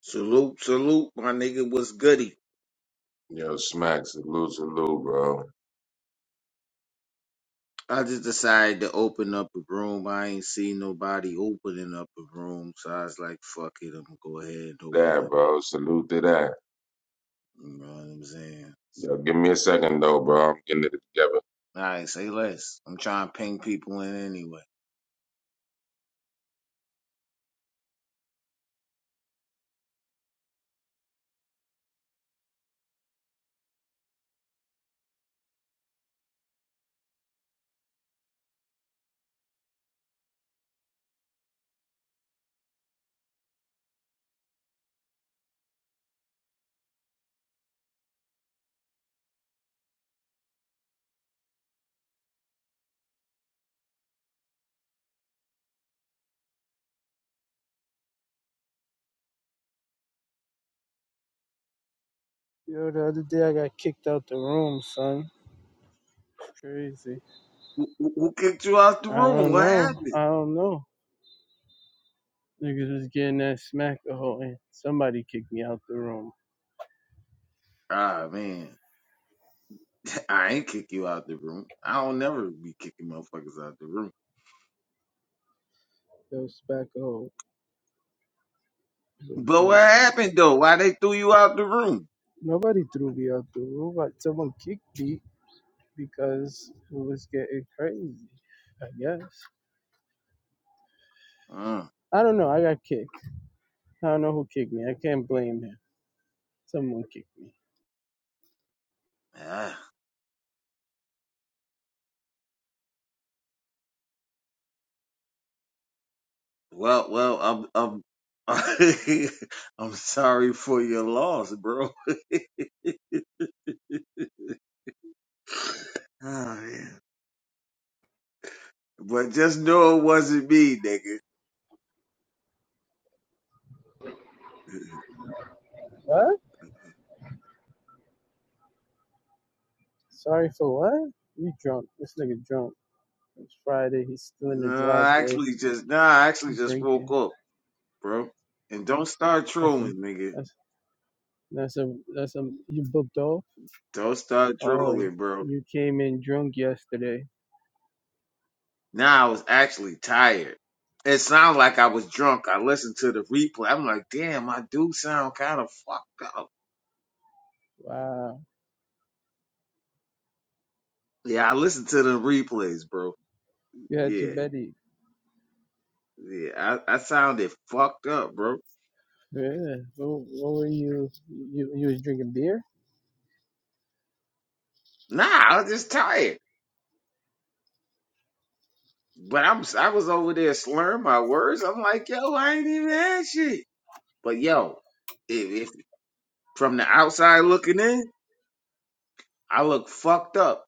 Salute, salute, my nigga. What's goody? Yo, Smack, salute, salute, bro. I just decided to open up a room. I ain't seen nobody opening up a room, so I was like, fuck it, I'm gonna go ahead and open That, up. bro, salute to that. You know what I'm saying? So, Yo, give me a second, though, bro. I'm getting it together. nah, I ain't say less. I'm trying to ping people in anyway. Yo, the other day I got kicked out the room, son. Crazy. Who, who who kicked you out the I room? don't What know. happened? I don't know. Niggas was getting that smack a hole and somebody kicked me out the room. Ah, man. I ain't kick you out the room. I don't never be kicking motherfuckers out the room. Yo, smack a hole. is But bitch. what happened though? Why they threw you out the room? Nobody threw me out the room, but someone kicked me because it was getting crazy, I guess. Uh, I don't know. I got kicked. I don't know who kicked me. I can't blame him. Someone kicked me. ah. Well, well, I'm, I'm, I'm sorry for your loss, bro. Oh, man. But just know it wasn't me, nigga. What? Sorry for what? You drunk. This nigga drunk. It's Friday. He's still in the No, I driveway. actually just, nah, I actually just woke drinking. up, bro. And don't start That's a trolling, nigga. that's that's a that's a you booked off. Don't start Oh, y- trolling, bro. you came in drunk yesterday. Nah, I was actually tired. It sounded like I was drunk. I listened to the replay. I'm like, damn, I do sound kind of fucked up. Wow, Yeah, I listened to the replays, bro. you had too Yeah. many. Yeah, I, I sounded fucked up, bro. Yeah. What, what were you? You you was drinking beer? Nah, I was just tired. But I'm I was over there slurring my words. I'm like, yo, I ain't even had shit. But yo, if, if from the outside looking in, I look fucked up,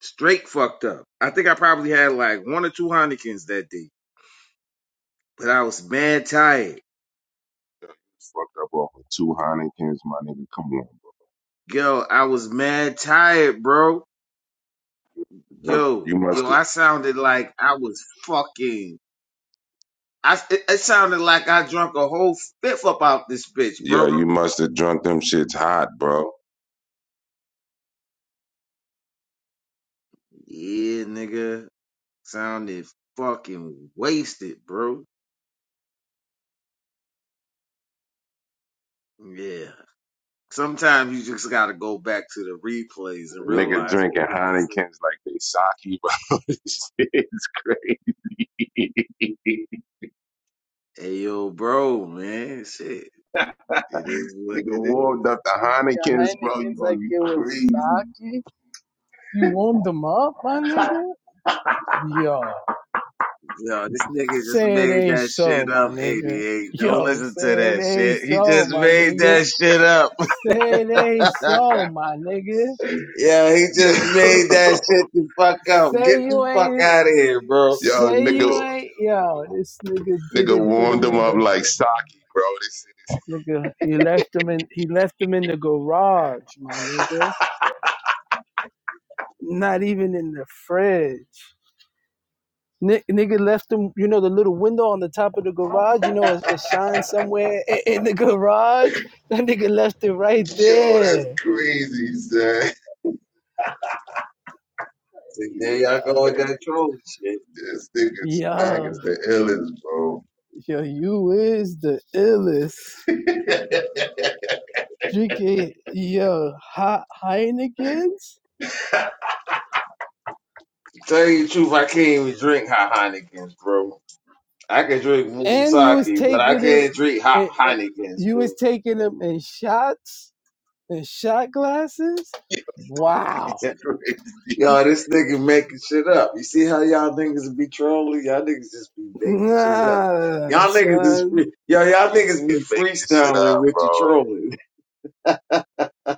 straight fucked up. I think I probably had like one or two Heinekens that day, but I was mad tired. Fucked up off of two Heinekens, my nigga. Come on. Yo, I was mad tired, bro. bro. Yo, You must yo, have, I sounded like I was fucking I it, it sounded like I drunk a whole fifth up out this bitch, yo, bro. you must have drunk them shits hot, bro. Yeah, nigga, sounded fucking wasted, bro. Yeah. Sometimes you just gotta go back to the replays and Nigga realize what drinking niggas is Heinekens like they sake, bro. This shit's crazy. Hey yo, bro, man, shit. It is what nigga it is. warmed up the You was drinking Heinekens, bro. You, Heinekens oh, like you it was crazy. sake. You warmed them up, my nigga. Yo, Yo, this nigga just say it made ain't that so, shit my up, nigga. 88. Don't Yo, listen to say it that ain't shit. He so, just my made nigga. that shit up. Say it ain't so, my nigga. Yeah, he just Yeah. made that shit the fuck up. Get Say the you fuck ain't. out of here, bro. yo, Say you nigga, ain't yo. This nigga nigga didn't put warmed him them in up the like sake, bro. This shit nigga. He left him in. He left him in the garage, my nigga. Not even in the fridge. Ni- nigga left him. You know the little window on the top of the garage. You know it, it shines somewhere i- in the garage. That nigga left it right Yo, that's there. crazy, son. See, there y'all Yeah, go with that troll shit. This nigga smack yo, is the illest, bro. yo, you is the illest. Drinking yo hot Heineken's. To Tell you the truth, I can't even drink hot Heinekens, bro. I can drink moon and you was sake, but I taking them, can't drink hot and, and Heinekens, you was bro. taking them in shots and shot glasses. Yo, Wow, crazy. Yo, this nigga making shit up. You see how y'all niggas be trolling? Y'all niggas just be making shit up. nah, Y'all niggas is son, free. Yo, y'all niggas be Can't make this shit freestyling up, with your bro. trolling.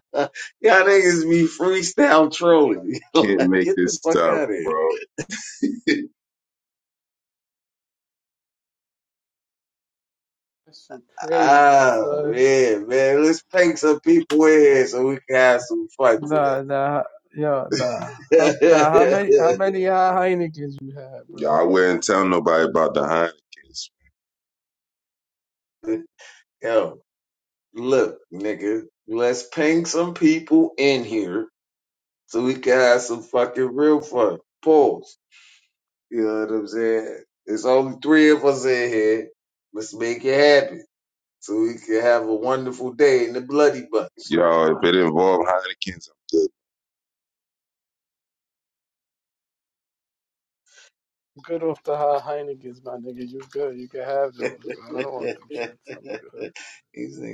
y'all niggas be freestyle trolling. Can't Like, make Get the this fuck out up, of here. bro. that shit crazy, Oh son. man, man, let's prank some people in here so we can have some fun Nah, nah, yo, nah. How, today. nah, how many, how many high Heinekens you had, you bro? I wouldn't tell nobody about the Heinekens. Yo, look, nigga, let's prank some people in here so we can have some fucking real fun. Pause. You know what I'm saying? There's only three of us in here. Let's make it happen so we can have a wonderful day in the bloody bunch. Yo, if it involved Heinekens, I'm Good off the high Heinekens, my nigga. You good? You can have those, bro. I don't want these them shits. I'm good.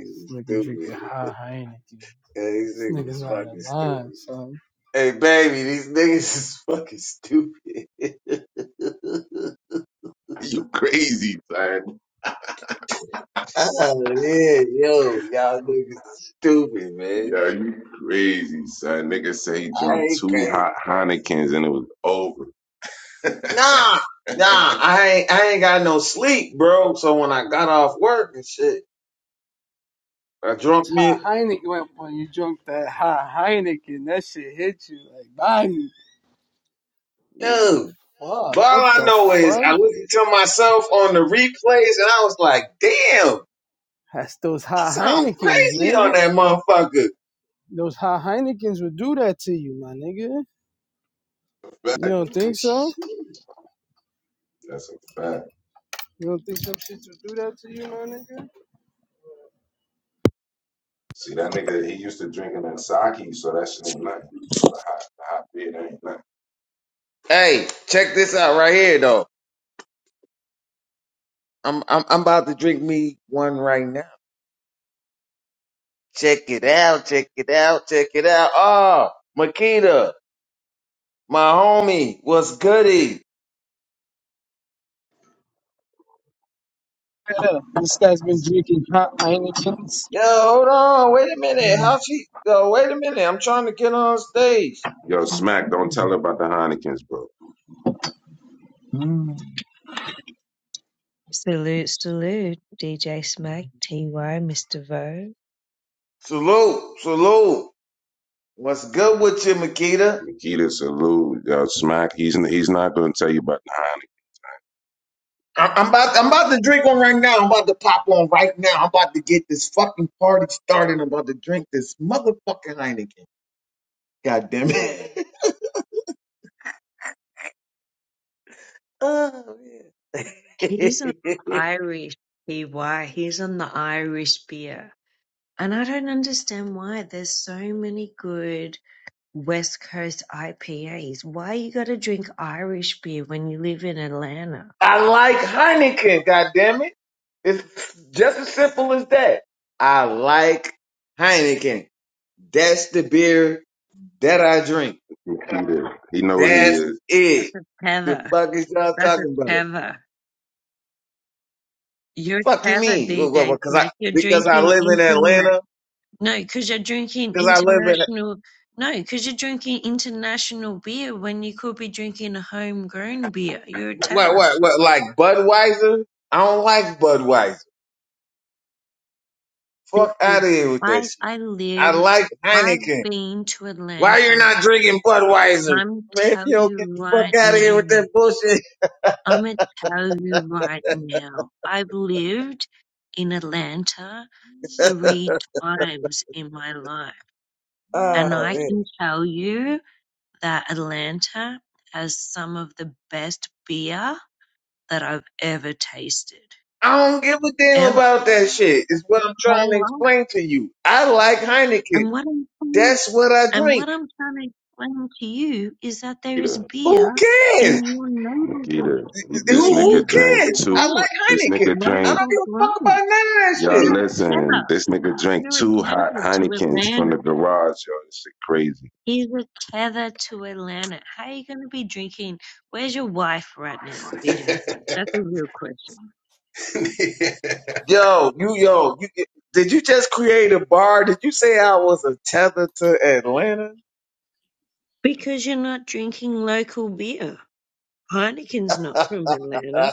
This nigga stupid. drinking high Heinekens. Yeah, these This niggas nigga's out of fucking stupid. line, son. Hey, baby, these niggas is fucking stupid. good. You crazy, son. oh, yeah, yo, y'all niggas is stupid, man. Yo, you crazy, son. Nigga say he I drunk ain't two crazy. hot Heinekens and it was over. Nah, nah, I ain't, I ain't got no sleep, bro. So when I got off work and shit, I drunk High me, Heineken when, when you drunk that high Heineken, that shit hit you like bang. You like yo. fuck, But what all I the know is fuck? I listened to myself on the replays and I was like, damn, That's those I high sound Heinekens, crazy on nigga. that motherfucker. Those high Heinekens would do that to you, my nigga. You don't think so? That's a fact. You don't think some shits would do that to you, my nigga? See that nigga, he used to drinking that sake, so that shit ain't nothing. You know, the hot, the hot beer that ain't nothing. Hey, check this out right here, though. I'm I'm I'm about to drink me one right now. Check it out, check it out, check it out. Oh, Makita, my homie, what's goody? Yeah, this guy's been drinking hot Heinekens. Yo, hold on, wait a minute. Mm. How she yo, wait a minute, I'm trying to get on stage. Yo, Smack, don't tell her about the Heinekens, bro. Mm. Salute, salute, DJ Smack, TY, Mr. Vo. Salute, salute. What's good with you, Makita? Nikita salute. Yo, Smack, he's he's not gonna tell you about the Heineken. I- I'm about I'm about to drink one right now. I'm about to pop one right now. I'm about to get this fucking party started. I'm about to drink this motherfucking Heineken. God damn it. oh, man. He's on the Irish TY, he's on the Irish beer. And I don't understand why there's so many good West Coast IPAs. Why you gotta drink Irish beer when you live in Atlanta? I like Heineken, God damn it. It's just as simple as that. I like Heineken. That's the beer that I drink. Nikita, he know what he That's is. That's it. a The tether. fuck is y'all That's a talking about? tether. You're a Fuck you tether, mean? What, what, DJ what, cause I, Smack. You're because I live in drinking Atlanta? No, because you're drinking Because I live in, international. No, because you're drinking international beer when you could be drinking a homegrown beer. You're a what, tether. what, what, like Budweiser? I don't like Budweiser. Fuck out Because of here with that I shit. I I live. like I've Heineken. been to Why Atlanta. you're not drinking Budweiser? I'm Man, if tell you don't get you the fuck right out of here with now. that bullshit. I'm gonna tell you right now. I've lived in Atlanta three times in my life, and Oh I man. can tell you. that Atlanta has some of the best beer that I've ever tasted, I don't give a damn ever. about that shit. Is what I'm trying to Whole lot. explain to you. I like Heineken. And what I'm trying, That's what I and drink. what I'm trying to explain to you is that there is Nikita, Who beer cares? in your Nikita, neighborhood he, Who this that who you nigga could drank cares? two. I like support This nigga Heineken. I drank. don't local give a fuck about grown. none of that Y'all shit. You're a tether. listen, this nigga drank You're a two hot tether to Heinekens from Atlanta. the garage, yo. This shit crazy. He's a tether to Atlanta. How are you going to be drinking? Where's your wife right now, DJ Smith? That's a real question. Yo, you yo, you did you just create a bar? Did you say I was a tether to Atlanta? Because you're not drinking local beer. Heineken's not that from Atlanta.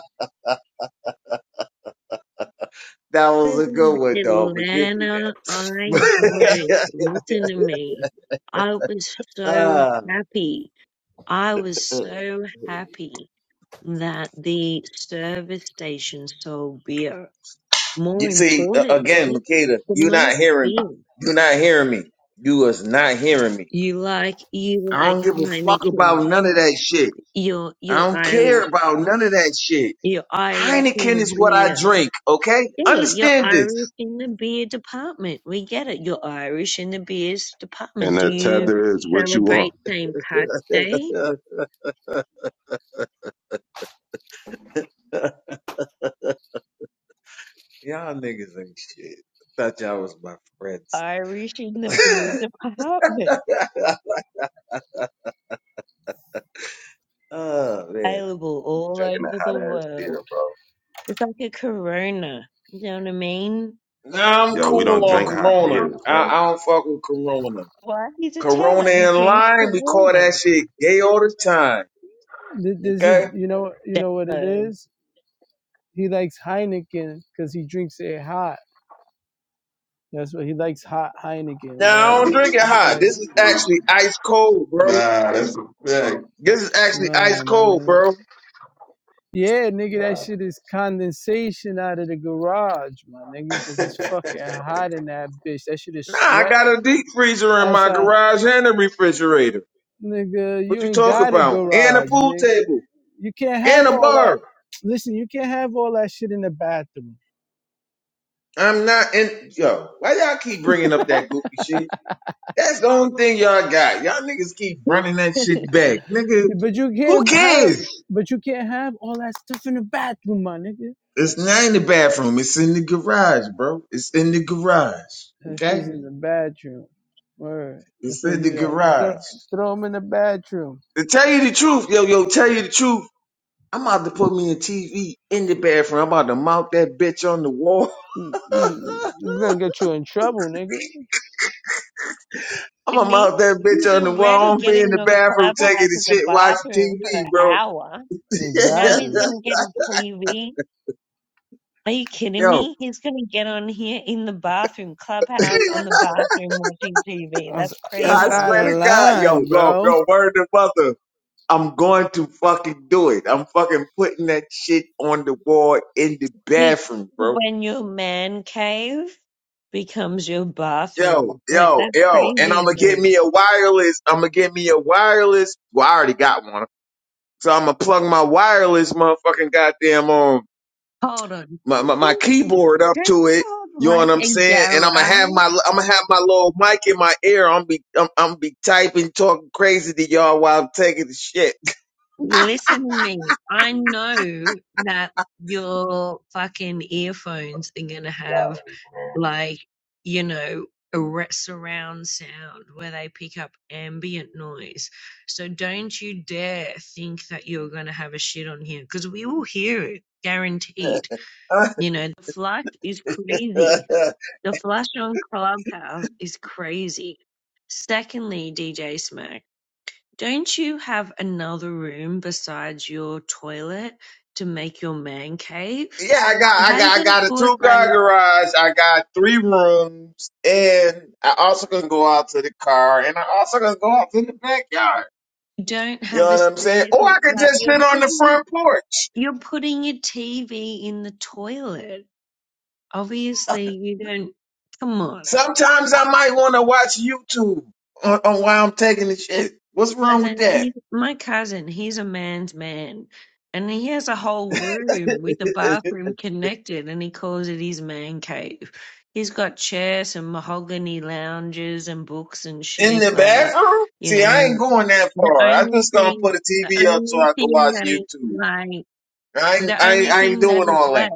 I was was a in good one, dog. But give me that. Atlanta. I drank. Listen to me. I was so Ah. happy. I was Uh, so happy that the service station sold beer. More You see, a- again, importantly, Makeda, the you not most hearing me. beer You not hearing me. You is not hearing me. you like, you I like don't give a fuck Heineken. about none of that shit. You're, I you're don't care Irish. about none of that shit. You're Irish in Heineken the is what I beer. drink, okay? Yeah, you're Understand this. Irish in the beer department. We get it. You're Irish in the beers and department. Do the you tether is what you are celebrate St. Pat's Day? y'all niggas ain't shit. Thought y'all was my friends. Irish in the beer department. oh, man. Available all drinking that over hot the ass beer, world. bro. It's like a Corona. You know what I mean? Nah, I'm Yo, we cool don't on drink hot Corona. beers, I, bro. I don't fuck with Corona. Why? He's a Corona teller. He and drinks lime, we call Corona. that shit gay all the time. Th- This is, Okay. you know, you know what it So, is. He likes Heineken because he drinks it hot. That's what he likes. Hot Heineken, Now bro. I don't Like drink it this hot. guy. This Shit's is crazy. actually ice cold, bro. Nah, that's a fact. This is actually ice Nah, my cold, nigga. bro. Yeah, nigga, that Nah. shit is condensation out of the garage, my nigga, because it's fucking hot in that bitch. That shit is Nah, I got sweating. a deep freezer in That's my a garage and a refrigerator. nigga. What You you ain't talk got a about? And a garage, pool nigga. table You can't and have a all that. bar. Listen, you can't have all that shit in the bathroom. I'm not in. Yo, why y'all keep bringing up that goofy shit? That's the only thing y'all got. Y'all niggas keep running that shit back, nigga. But you Who can't have. cares? But you can't have all that stuff in the bathroom, my nigga. It's not in the bathroom. It's in the garage, bro. It's in the garage. That Okay. shit's in the bathroom. Word. That's It's where in the you at. Throw, garage. Throw him in the bathroom. To tell you the truth, yo, yo, tell you the truth. I'm about to put me a TV in the bathroom. I'm about to mount that bitch on the wall. Mm, mm, It's gonna get you in trouble, nigga. I'm I gonna mean, mount that bitch he's on the wall. already I'm gonna be in getting the on bathroom taking Clubhouse the in the shit, watching bathroom for TV, an bro. hour. Now he's Exactly. going to get a TV Are you kidding Yeah, yo, me? He's going to get on here in the bathroom, clubhouse, on the bathroom watching TV. That's, That's yeah, I that's crazy to out swear me. to of God, line, yo, yo, bro. yo, word to mother. I'm going to fucking do it. I'm fucking putting that shit on the wall in the He, bathroom, bro. when your man cave becomes your Yo, bathroom, like yo, that's yo, and crazy I'm to gonna get me. me a wireless. I'm gonna get me a wireless. Well, I already got one So I'm gonna plug my wireless motherfucking goddamn um Hold on. my, Don't my, my you keyboard up don't to it. you have You know what like I'm a saying? And I'm gonna have garage? my I'm gonna have my little mic in my ear. I'm be I'm, I'm be typing, talking crazy to y'all while I'm taking the shit. Listen to me. I know that your fucking earphones are gonna have like, you know, a re- surround sound where they pick up ambient noise. So don't you dare think that you're gonna have a shit on here because we will hear it, guaranteed. yeah, You know, the flush is crazy. I The flush on Clubhouse is crazy. Secondly, DJ Smack. Don't you have another room besides your toilet to make your man cave? got How I are you got I gonna got a two put like car garage. I got three rooms, and I also can go out to the car, and I also can go out to the backyard. you don't You have know a what I'm saying? Or I specific could like just you're sit on the putting front porch. you're putting your TV in the toilet. Obviously you don't come on. Sometimes I might want to watch YouTube on, on while I'm taking the shit. What's wrong with cousin, that? he's my cousin, he's a man's man. And he has a whole room with a bathroom connected, and he calls it his man cave. He's got chairs and mahogany lounges and books and In shit. the Like, bathroom? you See, I ain't know, going that the far. I only just gonna thing, put a the TV up so only I can thing watch that is YouTube. like, I ain't, the I ain't, only I ain't thing that doing is all that. left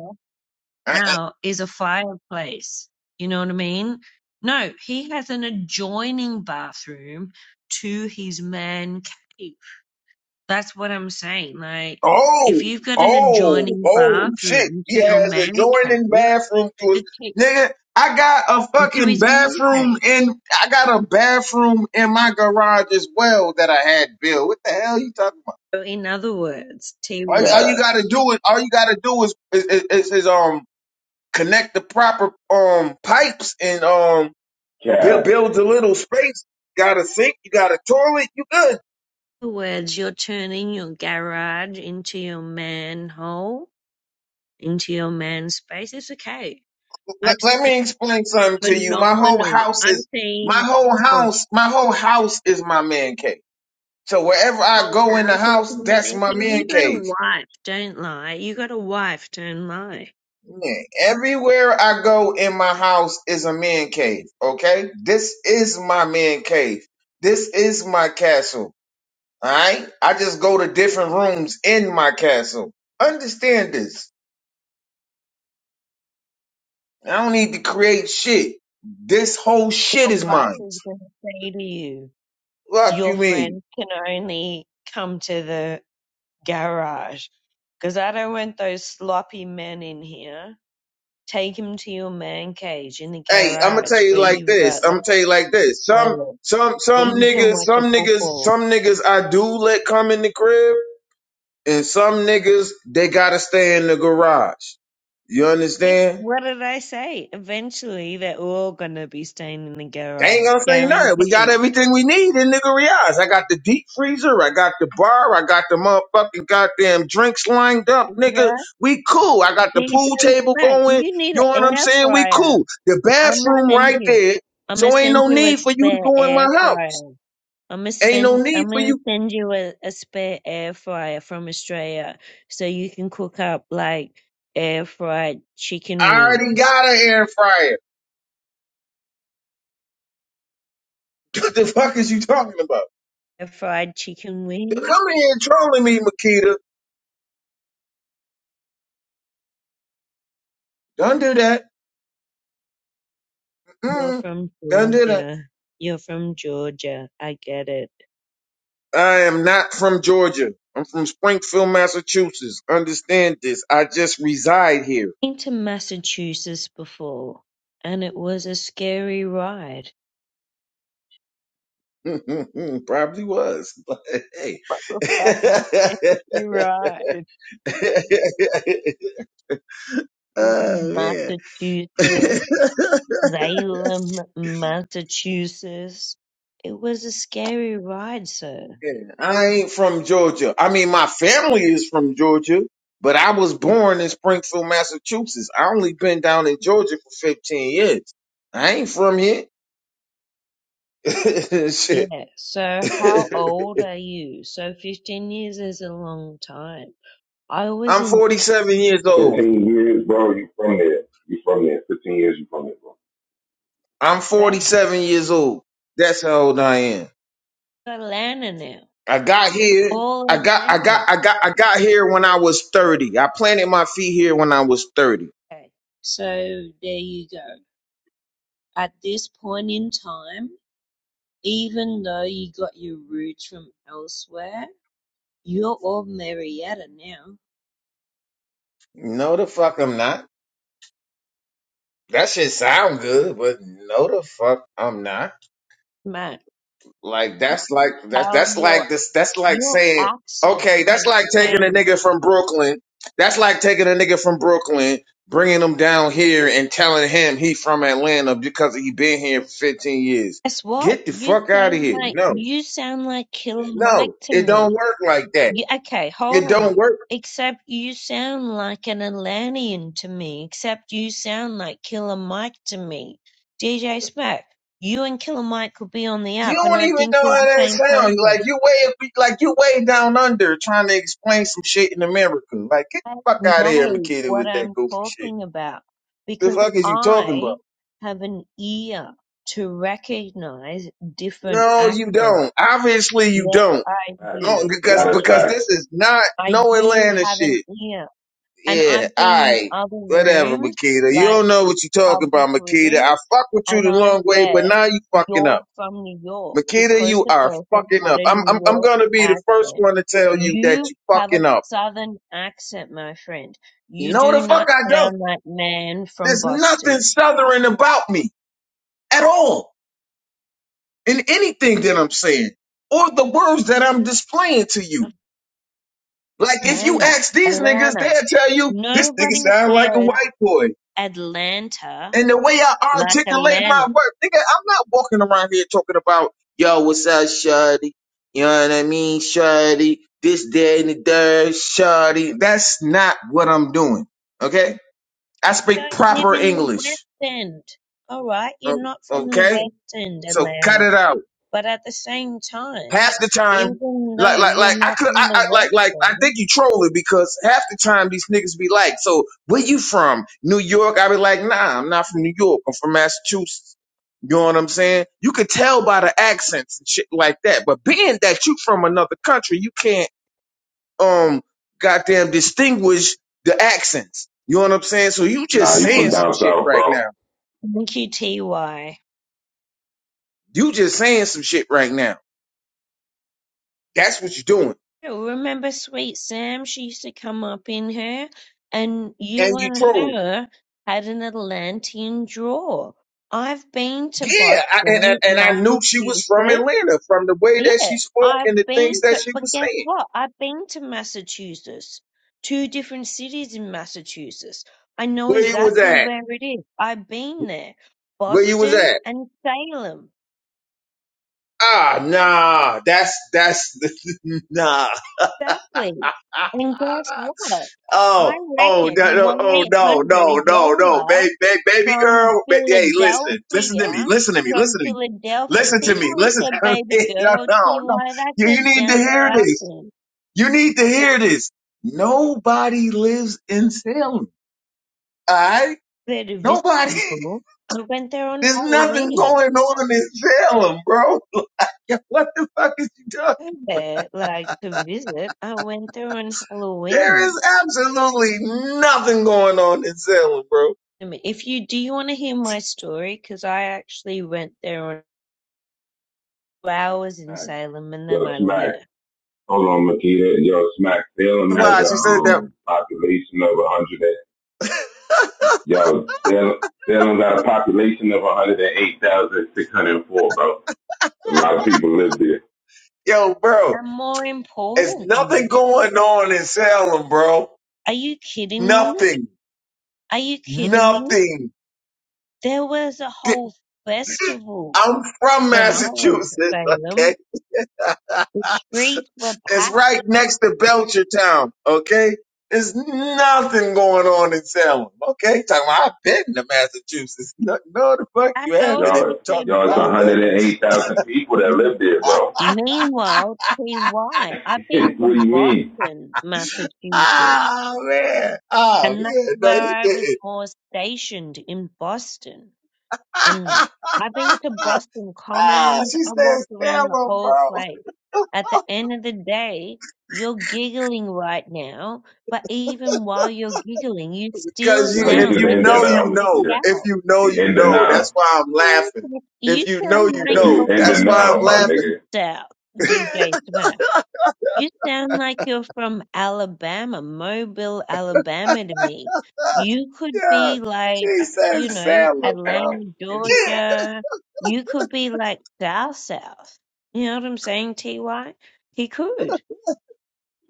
I, I, out is a fireplace. You know what I mean? No, he has an adjoining bathroom to his man cave that's what I'm saying. Like, if oh, you've got an oh, adjoining oh, shit. bathroom He to your has man cave, adjoining bathroom to his the te- nigga. I got a to fucking his man bathroom cave. in. I got a bathroom in my garage as well that I had built. What the hell you talking? So in other words, T All, all word. you Cat, gotta do is all you gotta do is is, is, is um connect the proper um pipes and um build cat. build a little space. You got a sink, you got a toilet, you good. In other words, you're turning your garage into your manhole, into your man space. It's okay. I've Let, let seen me explain something to you. My whole phenomenal. house I've is my seen whole well, house. My whole house is my man cave. So wherever I whole go in the houses house, in that's man my cave. You man got a cave. wife, don't lie. You got a wife, don't lie. Man, everywhere I go in my house is a man cave. Okay, this is my man cave. This is my castle. Alright? I just go to different rooms in my castle. Understand this. I don't need to create shit. This whole shit Your is wife mine. is gonna say to you. Fuck your you mean? friend can only come to the garage, because I don't want those sloppy men in here. Take him to your man cage in the Hey, I'ma garage tell you where like you've this. got like I'ma tell you like this. Some toilet, some where some you can niggas, watch a some niggas, football. some niggas I do let come in the crib, and some niggas they gotta stay in the garage. You See? understand? What did I say? Eventually, they're all gonna be staying in the They ain't garage, gonna say nothing. We got guaranteed. everything we need in nigga Riaz. I got the deep freezer. I got the bar. I got the motherfucking goddamn drinks lined up, nigga. Caesar, We cool. I got the pool Caesar, table Matt, going. you need You an know what I'm air saying? We fryer. cool. The I'ma bathroom send right you. there. I'ma So ain't send no you a need for you to spare go in my air fryer. house. I'm gonna Ain't no spend. need I'm for gonna you. send you a, a spare air fryer from Australia, so you can cook up like air fried chicken I already wings. got an air fryer. What the fuck is you talking about? Air fried chicken wings. Come in here trolling me, Makita. Don't do that. You're Mm, from don't do that. Georgia. You're from Georgia. I get it. I am not from Georgia. I'm from Springfield, Massachusetts. Understand this. I just reside here. Been to Massachusetts before, and it was a scary ride. Probably was, but hey. What a fucking scary ride. oh, man. Massachusetts. Salem, Massachusetts. It was a scary ride, sir. Yeah, I ain't from Georgia. I mean, my family is from Georgia, but I was born in Springfield, Massachusetts. I only been down in Georgia for 15 years. I ain't from here. Shit. Yeah, so how old are you? So 15 years is a long time. I was I'm in 47 years old. Fifteen years, bro. You from there? You from there? Fifteen years. You from there, bro? I'm 47 years old. That's how old I am. Atlanta now, I got here. all I got I got Atlanta. I got I got here when I was 30. I planted my feet here when I was 30. Okay, so there you go. At this point in time, even though you got your roots from elsewhere, you're all Marietta now. No the fuck I'm not. That shit sound good, but no the fuck I'm not. Man, Like that's like that's how that's your like this that's like your saying accent okay that's has like taking a changed. nigga from Brooklyn that's like taking a nigga from Brooklyn bringing him down here and telling him he from Atlanta because he been here for 15 years Guess what? get the You fuck out of sound here like no you sound like Killer Mike no to it don't me. work like that You, okay, hold it on. don't work Except you sound like an Atlantean to me. Except you sound like Killer Mike to me. DJ Smack, you and Killer Mike could be on the you app, and don't I even think know you're how the that same sounds person. like you way like you way down under trying to explain some shit in America like get I the fuck out of here know McKitty what with that I'm goofy shit talking about the because fuck is you talking about I have an ear to recognize different No, you accents. don't. Obviously, you Yes, don't. I Facts. No, do. Nah, because that's because facts. this is not I no do Atlanta have an shit. ear. And Yeah, I've all been in right, other whatever, rooms, Makita. You like don't know what you talking public about, Makita. I rooms, fuck with you and the I've long way, but said, now you fucking up, You're from New York Makita. because You the are person fucking had up. a I'm I'm New I'm York gonna be the first accent. one to tell you that You you have a fucking up. southern accent, my friend. You No, the do fuck not I don't. sound like man from There's nothing Boston. southern about me at all in anything that I'm saying or the words that I'm displaying to you. Like if you Atlanta. ask these niggas, Atlanta. they'll tell you this nigga Nobody sound like a says white boy. Atlanta And the way I like articulate my Atlanta. work, nigga, I'm not walking around here talking about yo, what's up, shawty? You know what I mean, shawty? This, day and the third, shawty? That's not what I'm doing. Okay, I speak don't live proper in the English. West End. All right, o- you're not from the Okay, West End, so cut Atlanta. it out. But at the same time, half the time, even like though like you're like I not could I, from the I like West like I think End, you trolling because half the time these niggas be like, so where you from? New York? I be like, nah, I'm not from New York. I'm from Massachusetts. You know what I'm saying? You could tell by the accents and shit like that. But being that you from another country, you can't um goddamn distinguish the accents. You know what I'm saying? So you Nah, just you hold from saying some down on. shit south, right bro. now. Thank you, TY. You just saying some shit right now. That's what you're doing. Oh, Remember Sweet Sam? She used to come up in here, and And you you and trolling. her had an Atlantean draw. I've been to Yeah, I, and, and Boston, and I knew she was from Massachusetts. Atlanta from the way that she Yeah, spoke I've and the been things that to, she but was guess saying. what? I've been to Massachusetts, two different cities in Massachusetts. I know Where you was exactly at? where it is. I've been there, Where you was Boston at? and Salem. Ah, nah, that's that's nah. Exactly. And guess what? I oh, oh, reckon that, no, oh, no, no, 1-800 no, no, YOLA baby, baby, baby from girl. Ba- hey, listen, listen to Philadelphia, me, listen to me, from listen to me, Philadelphia. listen to See me, how we listen said to baby me. no, girl? no, See no, why you, that's a you need to down hear south this. thing. You need to hear this. Nobody lives in Salem. All right. there to visit Nobody. people. I went there on There's nothing Halloween. going on in Salem, bro. Like, what the fuck is you talking? I went there like to visit. I went there on There Halloween. is absolutely nothing going on in Salem, bro. I mean, If you do, you want to hear my story? Because I actually went there on two hours in Facts. Salem and then Yo, I Smack. left. Hold on, Makita. Yo, Smack. Salem has Why a she said that? um population of a hundred. Yo, Salem. Salem got a population of one hundred and eight thousand six hundred four, bro. A lot of people live there. Yo, bro, And more there's importantly, nothing going on in Salem, bro. are you kidding me? Nothing. Are you kidding me? Nothing. There was a Di- whole festival I'm from when I went to Massachusetts, Salem. okay? The streets were It's packed. right next to Belchertown, okay? There's nothing going on in Salem, okay? Talking about, I've been to Massachusetts. No, no, the fuck I you haven't if you also Y'all, talk said y'all, it's about Salem. Boston. 108,000 people that live there, bro. Meanwhile, TY, I've what been to do you mean? Boston, Massachusetts, Ah, man. Ah, and that's man. No, where you I was didn't. more stationed in Boston. And I've been to Boston ah, Commons. she I says walked around the Salem, whole bro. place. At the end of the day, you're giggling right now, but even while you're giggling, you still Because Y'all, you, you if sound just you like in you're know, you denial, from the know. Makita. If South. you know, He you in know. That's denial. why I'm Sound laughing. like- You If you know, sound you like Cause you know. you're in That's from the why I'm denial, my Deep nigga. laughing. South, DJ Smash. You sound like you're from Alabama, Mobile, Alabama to me. You could Yeah, be she like, you Jesus, know, Salem, bro. Atlanta, Yeah, Georgia. You could be like South South. You know what I'm saying, TY? He could.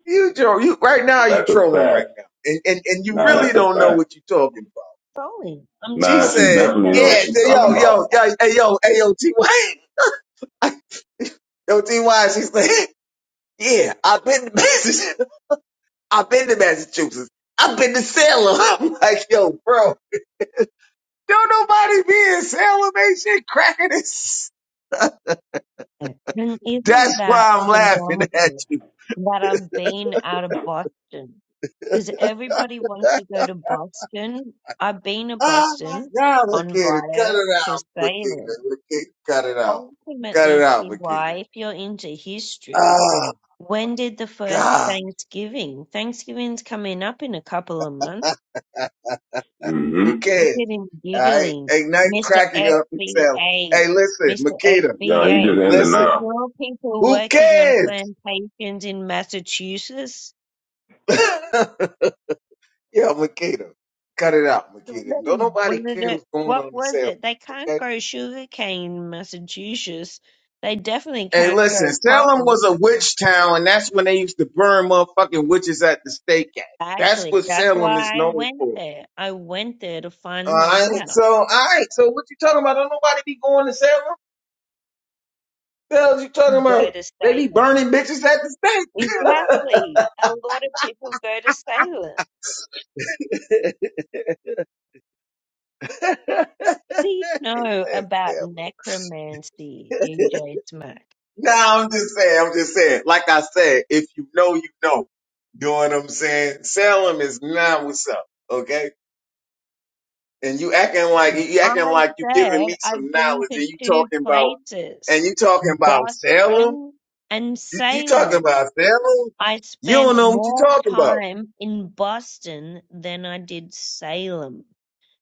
you troll. You right now. You That's a trolling fact. right now, and and and you Nah, really that's a don't know fact. what you're talking about. Surely. I'm She Nah, telling she you, you said, definitely sound know what like "Yeah, she's so you're talking yo, from the yo, about, bro. yo, hey, yo, hey, yo, T-Y, yo, T-Y." She said, "Yeah, I've been to Massachusetts. I've been to Massachusetts. I've been to Salem." I'm like, "Yo, bro, don't nobody be in Salem, ain't shit cracking this." South. And isn't That's that why I'm laughing at phenomenal you. that I've been out of Boston? because everybody wants to go to Boston. I've been to Oh my Boston God, on Makita, cut via it to out, sailing. Makita, Makita, cut it out, cut it Ultimately, out, TY, Makita. if you're into history, Oh when did the first God, Thanksgiving? Thanksgiving's coming up in a couple of months. who Mm-hmm. Look cares? at him All right, giggling. ain't nothing Mr. cracking up and telling. FBA, Hey, listen, Mr. Makita, Y'all, he just FBA. in listen, denial. Were all people who working on cares? plantations in Massachusetts? Yeah, Makita, cut it out, Makita. Don't nobody Was it care what's going on what in was Salem, it? They can't okay? grow sugarcane in Massachusetts. They definitely Hey, can't grow listen, Salem cotton. was a witch town, and that's when they used to burn motherfucking witches at the stake at. That's Exactly. what That's Salem is why I known went for. there. I went there to All find that right. out. So, all right. So, what you talking about? Don't nobody be going to seven bells. You talking Go about? to They be Salem. burning bitches at the Exactly. A lot of people go to Salem. stake. Do you know about necromancy, DJ Smack? no, I'm just saying. I'm just saying. Like I said, if you know, you know. You know what I'm saying? Salem is not what's up. Okay. And you acting like you acting I like you giving said me some I've been knowledge, to and you two talking about places, and you talking about Salem. Boston and You, you talking Salem. about Salem? I You don't spent know what you more talking about. time in Boston than I did Salem.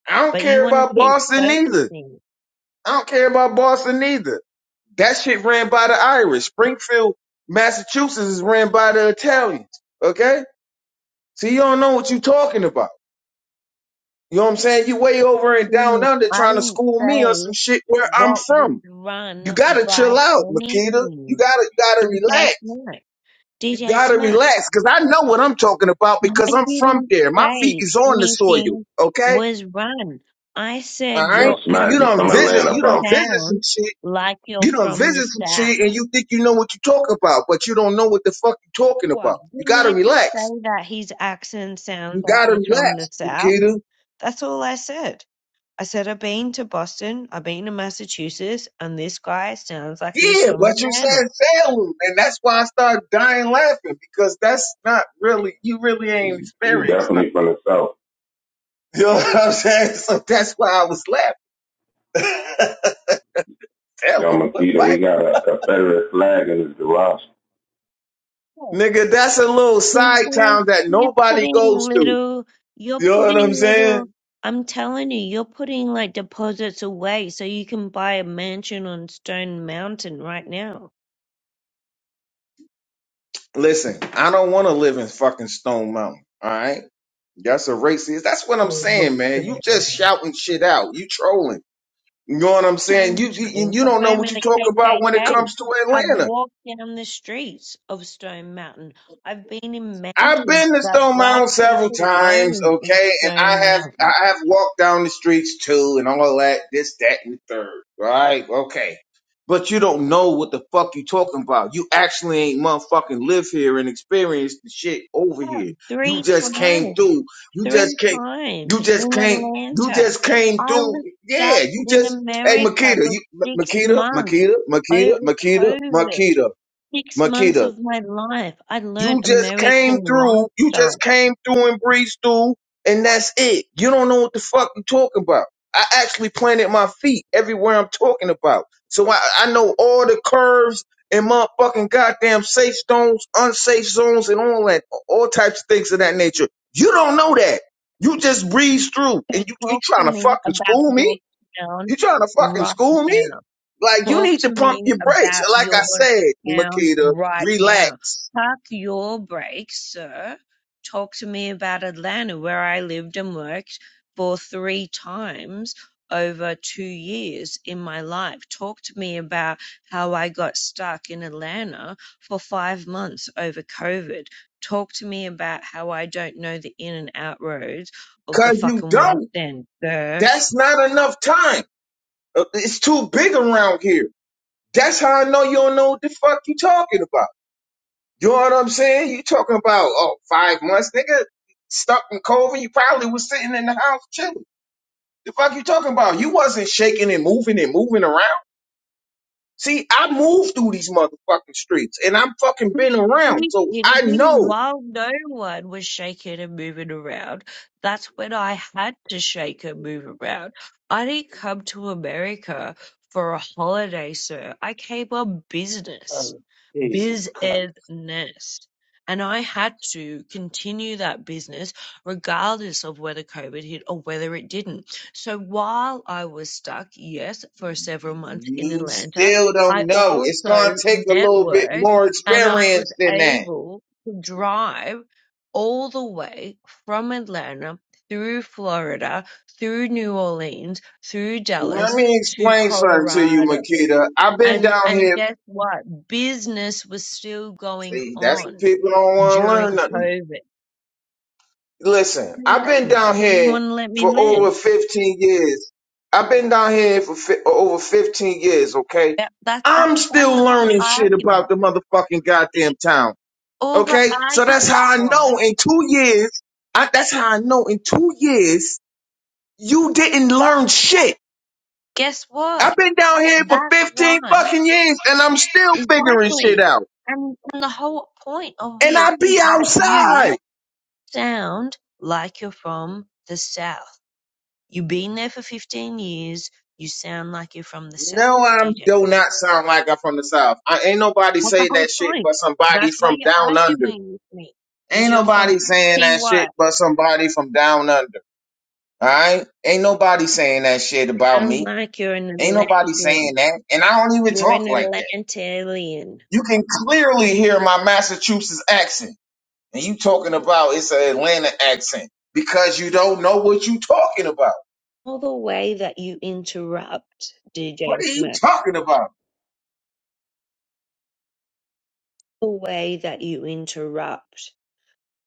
I don't But you care want to about keep Boston either. focusing. I don't care about Boston either. That shit ran by the Irish. Springfield, Massachusetts is ran by the Italians. Okay? So you don't know what you talking about. You know what I'm saying? You way over and down did under I trying to didn't school me on some say shit where I'm what was from. You run gotta by chill out, Makita. You anything. gotta you gotta DJ relax. Smack. You DJ gotta Smack. relax. Cause I know what I'm talking about because I I'm from didn't there. My feet say is on the soil. anything Okay? was run. I All said Yo, right? your You you Smack, you don't from accent visit Atlanta, you don't bro. visit some sounds shit like you're You done from the visit some South. shit and you think you know what you talk about, but you don't know what the fuck you talking about. What? You Didn't gotta I just relax. say that his accent sounds You like gotta he's relax, from the South? Nikita. That's all I said. I said I've been to Boston, I've been to Massachusetts, and this guy sounds like he's Yeah, from but you Atlanta. said Salem, and that's why I started dying laughing because that's not really you really ain't He, he's experienced nothing. definitely from the South. You know That's what I'm saying? So that's why I was laughing. Yo, Salem, what, Makita, he what? got a Confederate flag in his garage. it. Nigga, that's a little He side has, town that he's nobody putting goes to. little, you're You know what I'm putting saying? little, I'm telling you, you're putting like deposits away so you can buy a mansion on Stone Mountain right now. Listen, I don't want to live in fucking Stone Mountain. All right. That's a racist. That's what I'm saying, man. You just shouting shit out. You trolling. You know what I'm Stone saying? Mountain You you, is you the don't know home what of you the talk about when it KKK. comes to I've Atlanta. walked down the streets of Stone Mountain. I've been in I've mansions been to that Stone black Mountain several people times, own in okay, and I Stone have Mountain. I have walked down the streets too, and all that, this, that, and the third, right? Okay, but you don't know what the fuck you talking about. You actually ain't motherfucking live here and experience the shit over here. Hell, You Three just came times, through. You three just came. times You just in came. You Atlanta. just came I through. was Yeah, stuck you in just. Hey, America Makita, for you M- six Makita, months Makita, Makita, over Makita, COVID. Makita, Six months Makita. of my life. I You learned just came American through. You just lifestyle. came through and breezed through, and that's it. You don't know what the fuck you're talking about. I actually planted my feet everywhere I'm talking about. So I, I know all the curves and motherfucking goddamn safe zones, unsafe zones, and all that, all types of things of that nature. You don't know that. You just breeze through, So and you you talk to trying to me fucking about school your me? town You trying to fucking right school me? now. Like you Talk need to to pump me your brakes. about Like I your said, town Makita, right now. relax Park your brakes, sir. Talk to me about Atlanta, where I lived and worked for three times over two years in my life. Talk to me about how I got stuck in Atlanta for five months over COVID. Talk to me about how I don't know the in and out roads of the Cause you fucking don't. West End, sir. That's not enough time. Uh, It's too big around here. That's how I know you don't know what the fuck you talking about. You know what I'm saying? You talking about oh five months, nigga. Stuck in COVID, you probably was sitting in the house chilling. The fuck you talking about? You wasn't shaking and moving and moving around. See, I moved through these motherfucking streets and I'm fucking been around, He so did it I know. while no one was shaking and moving around. That's when I had to shake and move around. I didn't come to America for a holiday, sir. I came on business Oh, Jesus Christ. business. And I had to continue that business regardless of whether COVID hit or whether it didn't. So while I was stuck, yes, for several months in You Atlanta, still don't I know. It's also gonna take a little bit networked more and I was experience than that. able to drive all the way from Atlanta through Florida, through New Orleans, through Let Dallas me to explain something to you, Colorado Makita. I've been and down and here. guess what? Business was still going See, that's what on people don't want to during learn nothing. COVID. Listen, Hello, I've been You down here Want to let me for over live? 15 years. I've been down here for fi- over 15 years, okay? That, that that I'm that's still the whole learning shit argument. about the motherfucking goddamn town, All the okay? So that's argument how I was, know in two years, I, that's how I know in two years You didn't learn shit. guess what? I've been down here for That's 15 why fucking years and I'm still figuring shit exactly. out. And, and the whole point of And this I be is that outside. you sound like you're from the south. You've been there for 15 years. You sound like you're from the south, No, I do DJ. not sound like I'm from the South. I ain't nobody That's the saying whole that shit point. but somebody That's why from you're down under. arguing with me. Because Ain't you're from nobody saying that PY. shit but somebody from down under. Alright? Ain't nobody saying that shit about Sound me. like you're an Ain't nobody saying Atlantean. that. And I don't even You're talk an like that. Atlantean. You can clearly hear my Massachusetts accent. and you talking about it's an Atlanta accent because you don't know what you talking about. All the way that you interrupt, What DJ are you Smith. talking about? The way that you interrupt.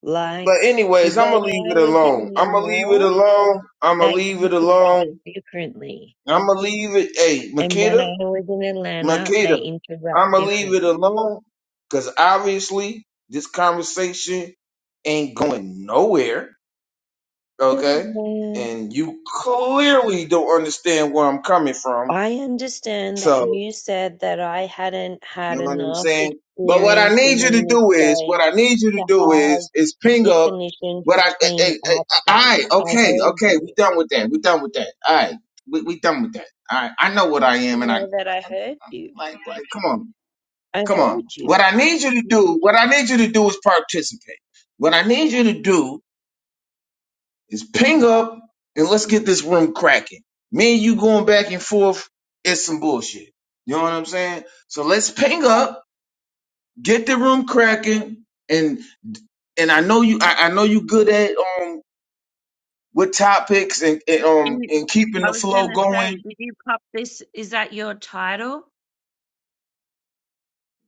Like But anyways, I'm when gonna leave I it was alone. in the I'm gonna leave it north, alone. I'm gonna they leave it interrupt alone. differently. I'm gonna leave it. Hey, And when I Makita, was in Atlanta, they Makita, interrupt I'm gonna leave it differently. alone because obviously this conversation ain't going nowhere. Okay, and you clearly don't understand where I'm coming from. I understand that so. you said that I hadn't You had know what I'm enough saying? But what I experience need you to within the do is, what state I need you to to do is, have is ping up definitions what I, I, between eh, eh, all accents. right, I okay, heard okay, we you. done with that. We done with that. All right, we, we done with that. All right, I know what I You am and I, know that I heard you. like, like, come on, I come on. heard you. What I need you to do, what I need you to do is participate. What I need you to do is ping up and let's get this room cracking. Me and you going back and forth is some bullshit. You know what I'm saying? So let's ping up get the room cracking and and I know you I, I know you good at um with topics and, and um You- and keeping I the was going flow to say, going. did you pop this? Is that your title?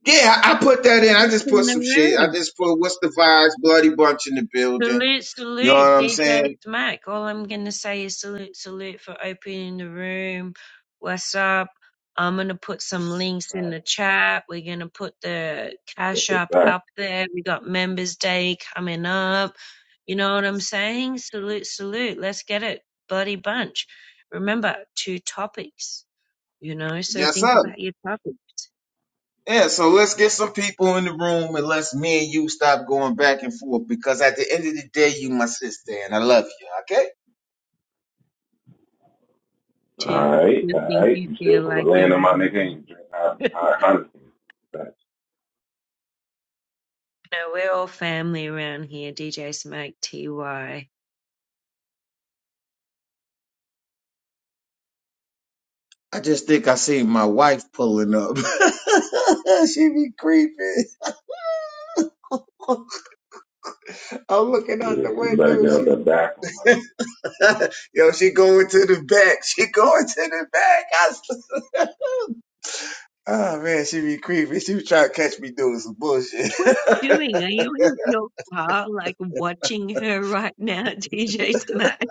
Yeah, I, I put that The in. I work just in put the some shit. I room? just put what's the vibes, bloody bunch in the building. Salute, You know what salute, I'm DJ saying? Smack. All I'm gonna say is salute, salute for opening the room. What's up? I'm gonna put some links in the chat. We're gonna put the That's cash a up fact. up there. We got Members Day coming up. You know what I'm saying? Salute, salute. Let's get it, buddy bunch. Remember, two topics. You know, so Yes, think sir. about your topics. Yeah, so let's get some people in the room and let's me and you stop going back and forth because at the end of the day, you my sister and I love you, okay? All Do you right, feel all think right. you You still feel from the like land of you're? my nigga and you drink hot, hot Heineken. Facts. No, we're all family around here. DJ Smoke TY. I just think I see my wife pulling up. she be creeping. I'm looking out Yeah, so the you window. better get out She's that bathroom, my nigga. yo, she going to the back. She going to the back. I s- oh man, she be creepy. She was trying to catch me doing some bullshit. What are you doing? Are you in your car, like watching her right now, DJ Smoke,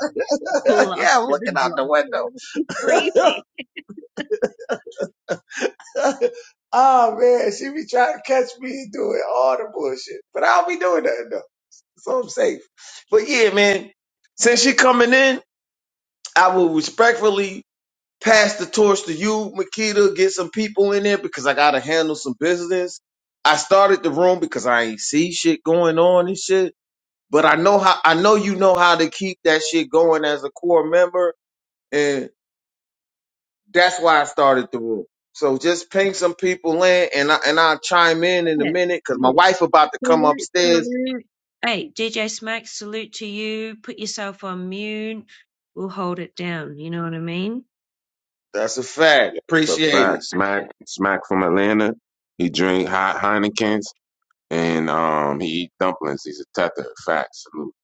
pull up yeah, I'm to the looking out drop? the window. Crazy. oh man, she be trying to catch me doing all the bullshit. But I don't be doing nothing though. So I'm safe. But yeah, man. Since she coming in, I will respectfully pass the torch to you, Makita, get some people in there because I gotta handle some business. I started the room because I ain't see shit going on and shit. But I know how I know you know how to keep that shit going as a core member, and that's why I started the room. So just ping some people in, and I and I'll chime in in a Yeah. minute because my Hey, wife about to come Salute, upstairs. salute. Hey, DJ Smoke, salute to you. Put yourself on mute. We'll hold it down. You know what I mean? That's a fact. Yeah, that's a Appreciate fact. it. Smack, Smack from Atlanta. He drink hot Heinekens and um he eat dumplings. He's a tether. Facts. Salute.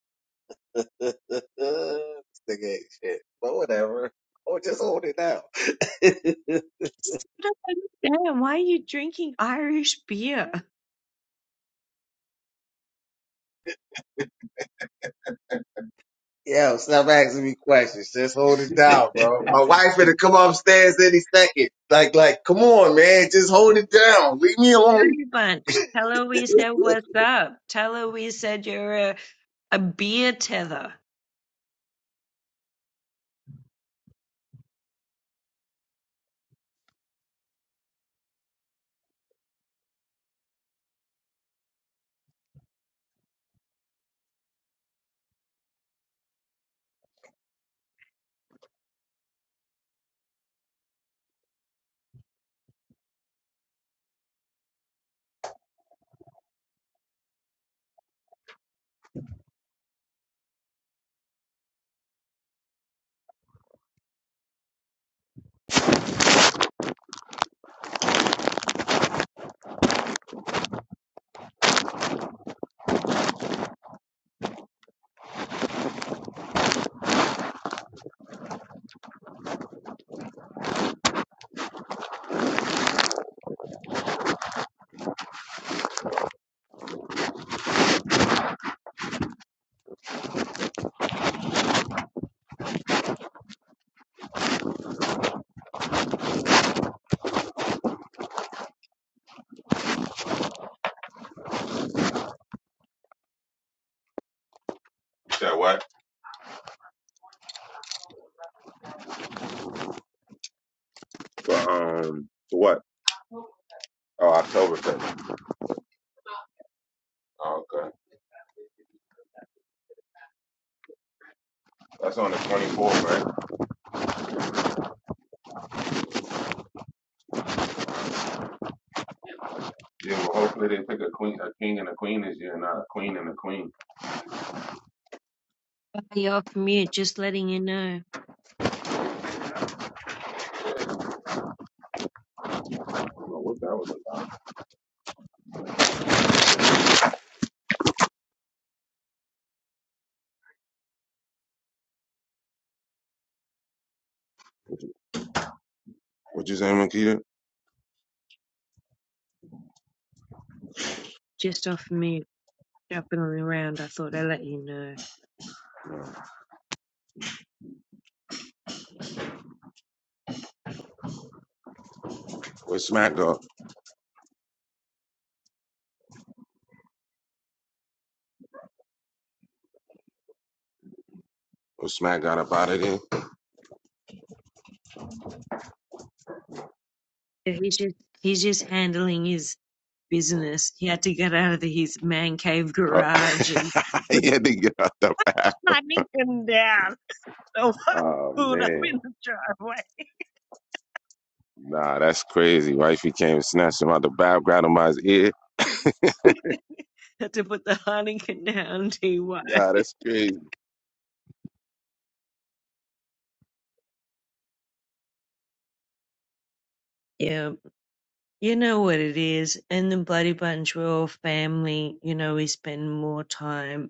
this nigga ain't shit. But whatever. Or just hold it down. I don't understand. Why are you drinking Irish beer? Yo, stop asking me questions. Just hold it down, bro. My wife gonna come upstairs any second. Like, like, come on, man. Just hold it down. Leave me alone. Bunch. Tell her we said what's up. Tell her we said you're a A beer tether. You said what? For um, for what? Oh, October fifth. Oh, okay. That's on the twenty fourth, right? Yeah. Well, hopefully they pick a queen, a king and a queen this year, not a queen and a queen. You're off mute, just letting you know. I don't know what that was about. What you saying, Makita? Just off mute, jumping around. I thought I'd let you know. Where's Smack go? Well, Smack got up out of there. Yeah, He's just he's just handling his business. He had to get out of the, his man cave Uh, garage and put he the had to get out the back. Heineken down. The wife Oh pulled up man, in the driveway. nah, that's crazy. Wifey came and snatched him out the back, grabbed him by his ear. had to put the Heineken down, TY. Nah, that's crazy. Yeah, you know what it is. And the Bloody Bunch, we're all family. You know, we spend more time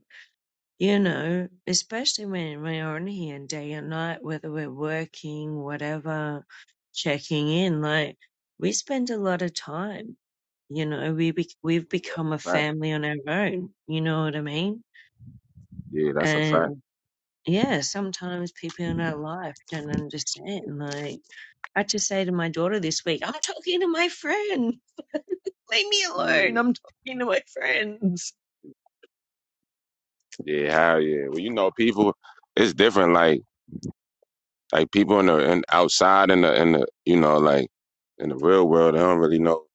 You know, especially when when we're on here day and night, whether we're working, whatever, checking in, like we spend a lot of time. You know, we be we've Yeah, become a fact. family on our own. You know what I mean? Yeah, that's a fact. And yeah, sometimes people in our life don't understand. Like I just say to my daughter this week, I'm talking to my friend. Leave me Yeah, alone. I'm talking to my friends. yeah, hell yeah. Well, you know, people, it's different. Like, like people in the in, outside in the in the you know like in the real world, they don't really know.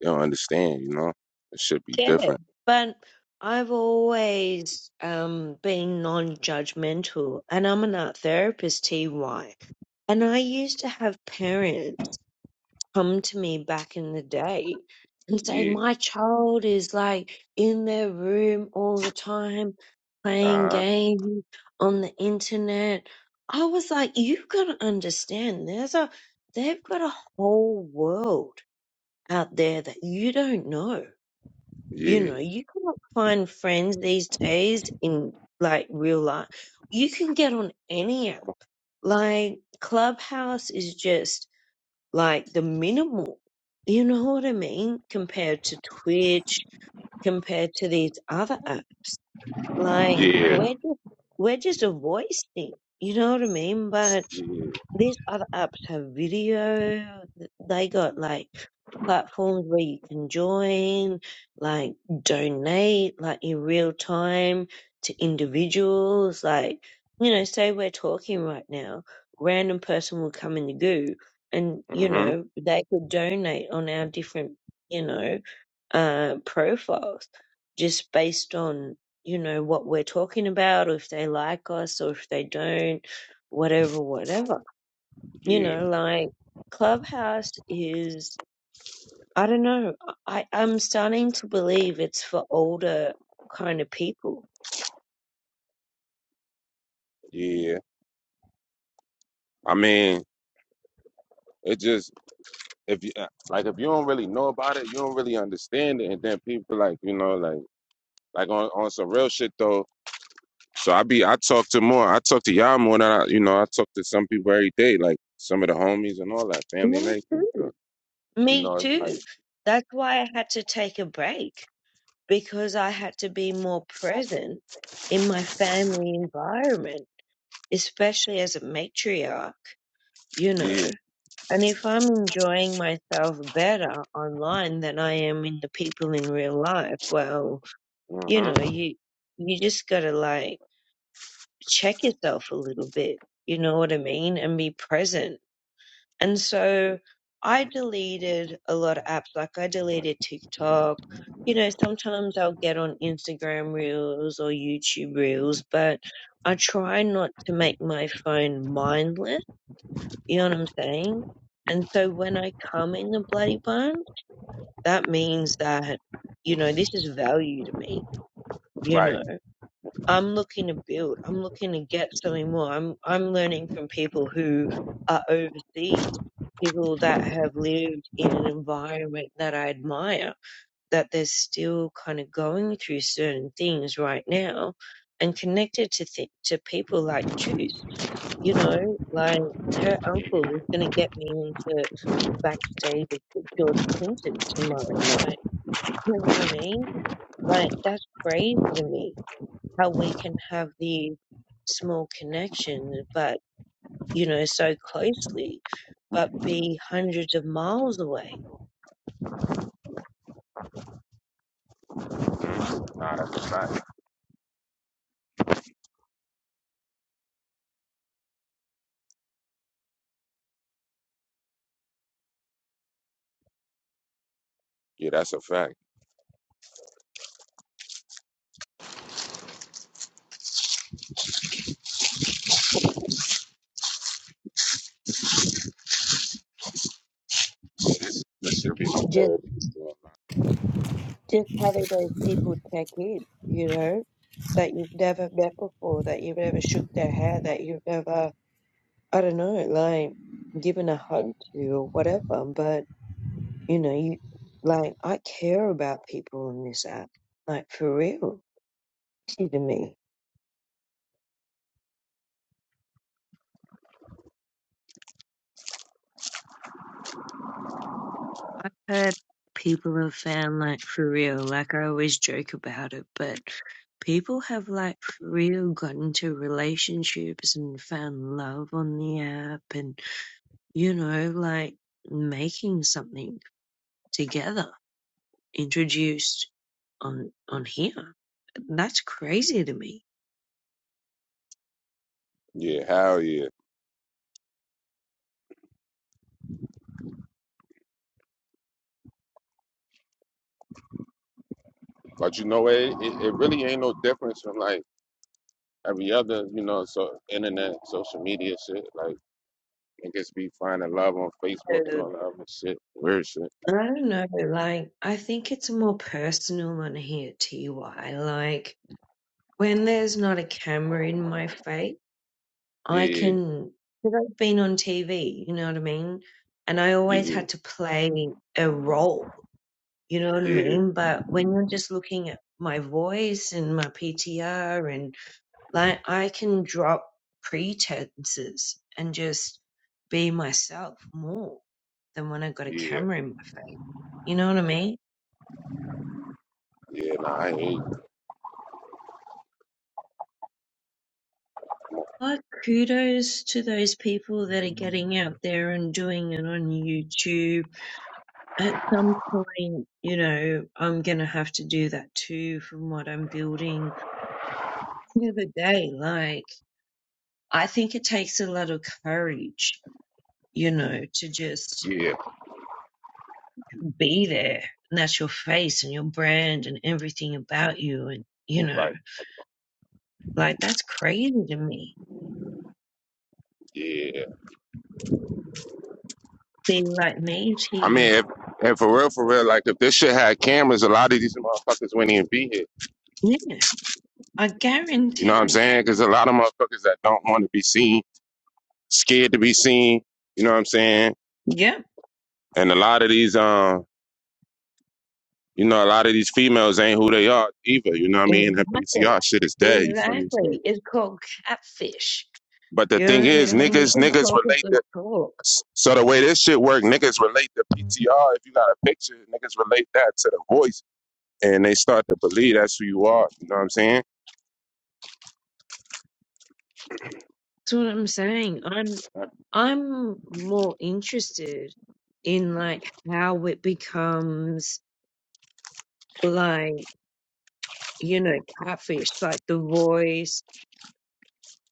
They don't understand. You know, it should be get it. different. But I've always um, been non-judgmental, and I'm an art therapist, TY. And I used to have parents come to me back in the day and say, Yeah. My child is like in their room all the time, Uh playing huh. games on the internet. I was like, You've got to understand, there's a, they've got a whole world out there that you don't know you Yeah. know, you can't find friends these days in like real life. You can get on any app. Like Clubhouse is just like the minimal. You know what I mean? Compared to Twitch, compared to these other apps. Like Yeah. we're just, we're just a voice thing. You know what I mean? But Yeah. these other apps have video. th- They got like platforms where you can join, like donate, like in real time to individuals. Like, you know, say we're talking right now, random person will come in the goo and, you Mhm. know, they could donate on our different, you know, uh, profiles just based on, you know, what we're talking about or if they like us or if they don't, whatever, whatever you Yeah. know, like Clubhouse is, I don't know, I, I'm starting to believe it's for older kind of people. Yeah. I mean, it just if you uh, like if you don't really know about it, you don't really understand it, and then people like you know like like on on some real shit though. So I be I talk to more, I talk to y'all more than I you know I talk to some people every day, like some of the homies and all that family and Me everything. too. So you Me know it's like too. That's why I had to take a break because I had to be more present in my family environment, especially as a matriarch, you yeah, know. And if I'm enjoying myself better online than I am in the people in real life, well, you know mm-hmm, you you just gotta like check yourself a little bit you know what i mean and be present and yeah, so i deleted a lot of apps like i deleted tiktok you know sometimes i'll get on instagram reels or youtube reels but i try not to make my phone mindless you know what i'm saying and so when i come in the bloody bun that means that you know this is value to me you know right, I'm looking to build. I'm looking to get something more. I'm I'm learning from people who are overseas, people that have lived in an environment that I admire, that they're still kind of going through certain things right now, and connected to th- to people like Juice. You know, like her uncle is going to get me into the backstage of George Clinton tomorrow night. You know what I mean? Like that's crazy to me how we can have these small connections, but you know, so closely, but be hundreds of miles away. nah, that's a fact. Yeah, that's a fact. That should be my Just therapy. just having those people check in, you know, that you've never met before, that you've never shook their hand, that you've never I don't know, like given a hug to or whatever. But you know, you like I care about people on this app, like for real. To me I've heard people have found like for real, like I always joke about it, but people have like for real got into relationships and found love on the app and you know, like making something together introduced on on here. That's crazy to me. Yeah, hell yeah. But you know, it, it, it really ain't no difference from like every other, you know, so internet, social media shit. Like niggas be finding love on Facebook and Uh, all that other shit. Weird shit. I don't know, like I think it's more personal on here, TY. Like when there's not a camera in my face. I Yeah, can, because I've been on TV, you know what I mean? And I always yeah, had to play a role, you know what I yeah, mean? But when you're just looking at my voice and my PTR and like, I can drop pretenses and just be myself more than when I got a yeah, camera in my face. You know what I mean? yeah. Nah, I ain't. But kudos to those people that are getting out there and doing it on YouTube at some point, you know, I'm gonna have to do that too from what I'm building the other day. Like, I think it takes a lot of courage, you know, to just Yeah, be there. And that's your face and your brand and everything about you. And, you know, right. like that's crazy to me. Yeah. Be like me, she I mean, one. if, and for real, for real, like if this shit had cameras, a lot of these motherfuckers wouldn't even be here. Yeah, I You know what I'm guarantee. saying? Because a lot of motherfuckers that don't want to be seen, scared to be seen. You know what I'm saying? Yep, And a lot of these, um. You know, a lot of these females ain't who they are either. You know what I mean? Her exactly. PTR shit is dead. You feel me? So, Exactly. It's called catfish but the You know thing what I mean? is, And we niggas, can niggas talk a relate good the. talk. So the way this shit work, niggas relate the PTR. If you got a picture, niggas relate that to the voice, and they start to believe that's who you are. You know what I'm saying? That's what I'm saying. I'm Uh, I'm more interested in like how it becomes like, you know, catfish, like the voice,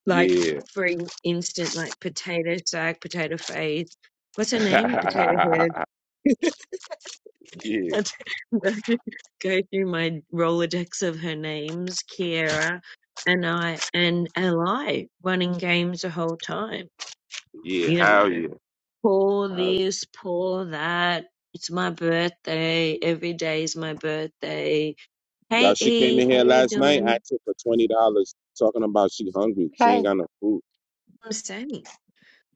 like Yeah, for in- instance, like potato sack, potato face. What's her name? Potato head. yeah, That's- Go through my Rolodex of her names, Kiera and I and Li running games the whole time yeah. you Hell yeah. Hell know, yeah. pour this, pour that. It's my birthday. Every day is my birthday. Y'all, Hey, she came E, in how here you last night, doing? asking for twenty dollars, talking about she hungry. She ain't Hi. got no food. I'm saying,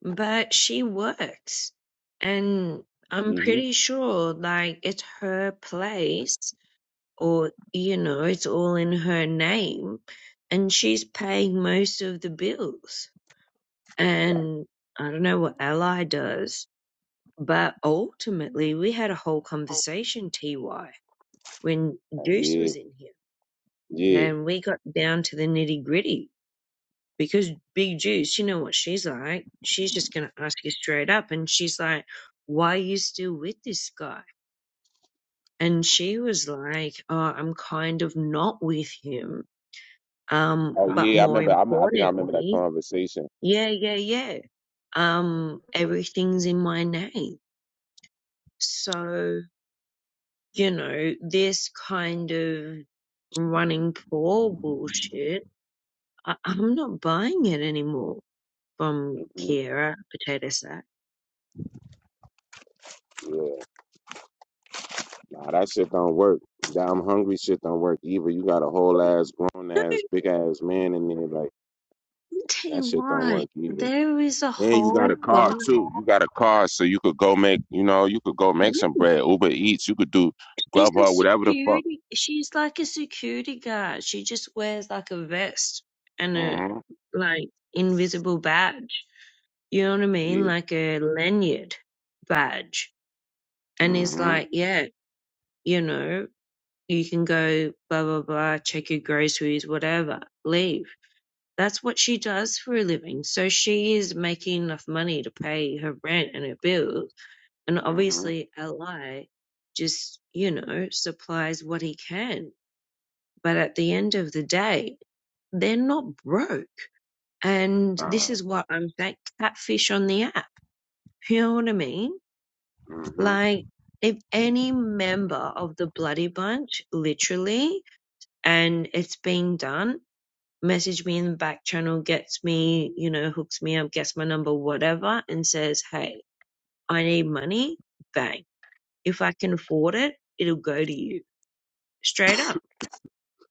but she works, and I'm hmm pretty sure, like, it's her place, or you know, it's all in her name, and she's paying most of the bills. And I don't know what Ally does, but ultimately, we had a whole conversation, Ty when Deuce Yeah, was in here yeah. and we got down to the nitty gritty because Big Juice, you know what she's like. She's just going to ask you straight up. And she's like, why are you still with this guy? And she was like, oh, I'm kind of not with him. Um, Oh but yeah, I more remember. I, m- I think I remember that importantly, conversation. yeah, yeah, yeah. Um, everything's in my name. So, you know, this kind of running for bullshit I, I'm not buying it anymore from Mhm. Kira Potato Sack. Yeah, nah, that shit don't work. That I'm hungry shit don't work either. You got a whole ass grown No, ass big ass man in there, like I'll tell you that shit don't why. work either. There is a And you got a whole guy. car too. You got a car, so you could go make. You know, you could go make some bread. Uber Eats. You could do She's a Grubhub, whatever the fuck. security. She's like a security guard. She just wears like a vest and a hmm like invisible badge. You know what I mean? Yeah. Like a lanyard badge. And is hmm like, yeah, you know, you can go blah blah blah, check your groceries, whatever, leave That's what she does for a living, so she is making enough money to pay her rent and her bills. And hmm obviously, Ally just, you know, supplies what he can. But at the end of the day, they're not broke. And Nah. this is what I'm saying catfish on the app. You know what I mean? hmm Like, if any member of the bloody bunch, literally, and it's been done, message me in the back channel, gets me, you know, hooks me up, gets my number, whatever, and says, Hey, I need money, bang. If I can afford it, it'll go to you straight up.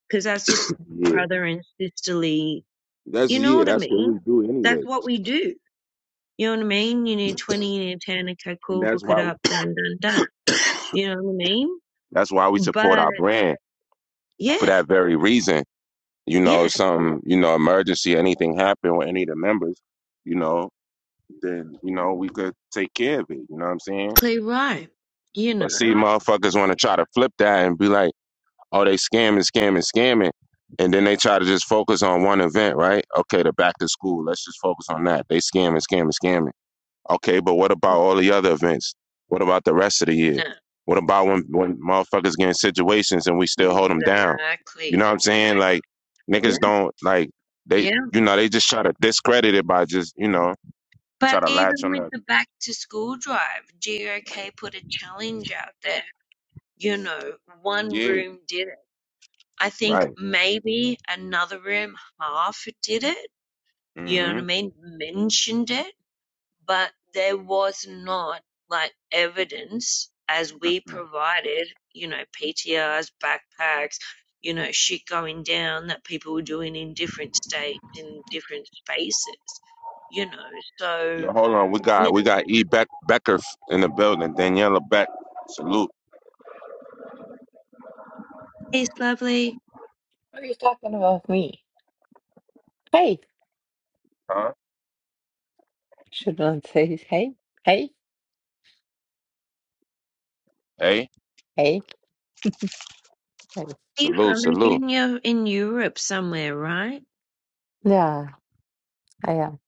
Because that's just Yeah. brother and sisterly, That's you know yeah. what I That's what mean? we do That's anyway, what we do. You know what I mean? You need 20, you need 10, okay, and cool, that's hook it why we. up, done, done, done. You know what I mean? That's why we support But our brand. for yeah, that very reason. You know, yeah, some you know emergency, anything happen with any of the members, you know, then you know we could take care of it. You know what I'm saying? clear right. You know, But see, motherfuckers want to try to flip that and be like, oh, they scamming, scamming, scamming, and then they try to just focus on one event, right? Okay, the back to school. Let's just focus on that. They scamming, scamming, scamming. Okay, but what about all the other events? What about the rest of the year? no, What about when when motherfuckers get in situations and we still hold them down? You know exactly. what I'm saying? Like Yeah. niggas don't like they yeah. you know they just try to discredit it by just you know try But to latch even on with the the back to school drive, GOK put a challenge out there. You know, one yeah room did it. I think right. maybe another room, half did it. You know what hmm I mean? Mentioned it, but there was not like evidence as we provided, you know, PTRs, backpacks, you know, shit going down that people were doing in different states, in different spaces, you know, so, Yo, hold on. We you got we know. got E Beck Becker f- in the building. Daniela Beck. Salute. It's lovely. Are you talking about me? Hey. Huh? Shouldn't say hey. Hey. Hey. Hey. Hey. You're Salute. from Salute. Virginia in Europe somewhere, right? Yeah, I am.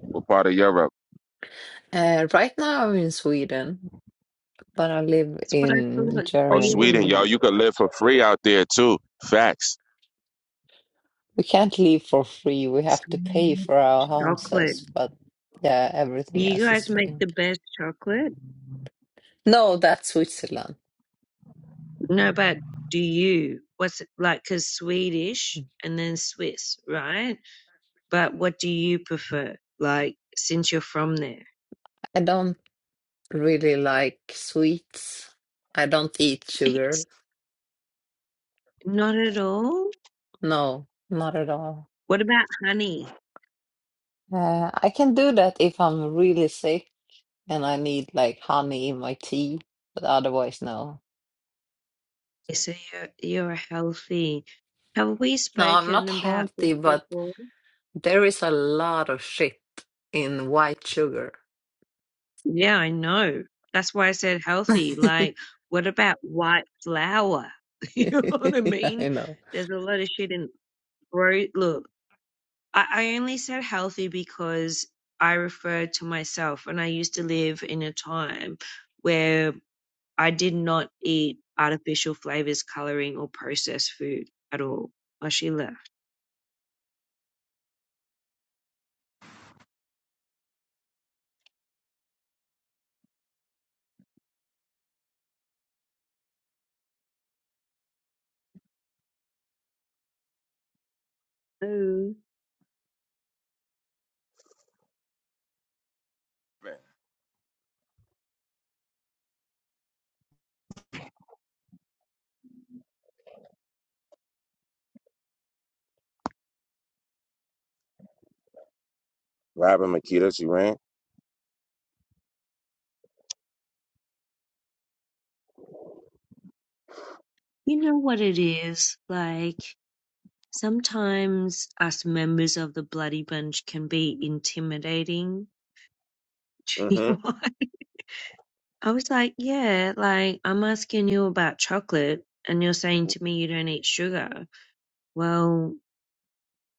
What part of Europe? Uh, right now I'm in Sweden, but I live That's what I in thought. Oh, Germany. Sweden, y'all. Sweden. You could live for free out there too. Facts. We can't leave for free. We have to pay Sweden for our chocolate. houses, but yeah, Do everything you else guys is make free. the best chocolate? No, that's Switzerland. No, but do you? What's it like? Because Swedish and then Swiss, right? But what do you prefer? Like, since you're from there? I don't really like sweets. I don't eat sugar. It's not at all. No, not at all. What about honey? Uh, I can do that if I'm really sick. and I need like honey in my tea, but otherwise, no. So you're, you're a healthy. Have we No, I'm spoken not about this healthy, but before? there is a lot of shit in white sugar. Yeah, I know. That's why I said healthy. Like, what about white flour? You know what I mean? I know. There's a lot of shit in bro. Look, I, I only said healthy because I referred to myself, and I used to live in a time where I did not eat artificial flavors, coloring, or processed food at all. Well, she left. So Robin Makita, she ran. you know what it is like. Sometimes us members of the Bloody Bunch can be intimidating. Do you Mm-hmm. know why? I was like, yeah, like I'm asking you about chocolate and you're saying to me you don't eat sugar. Well,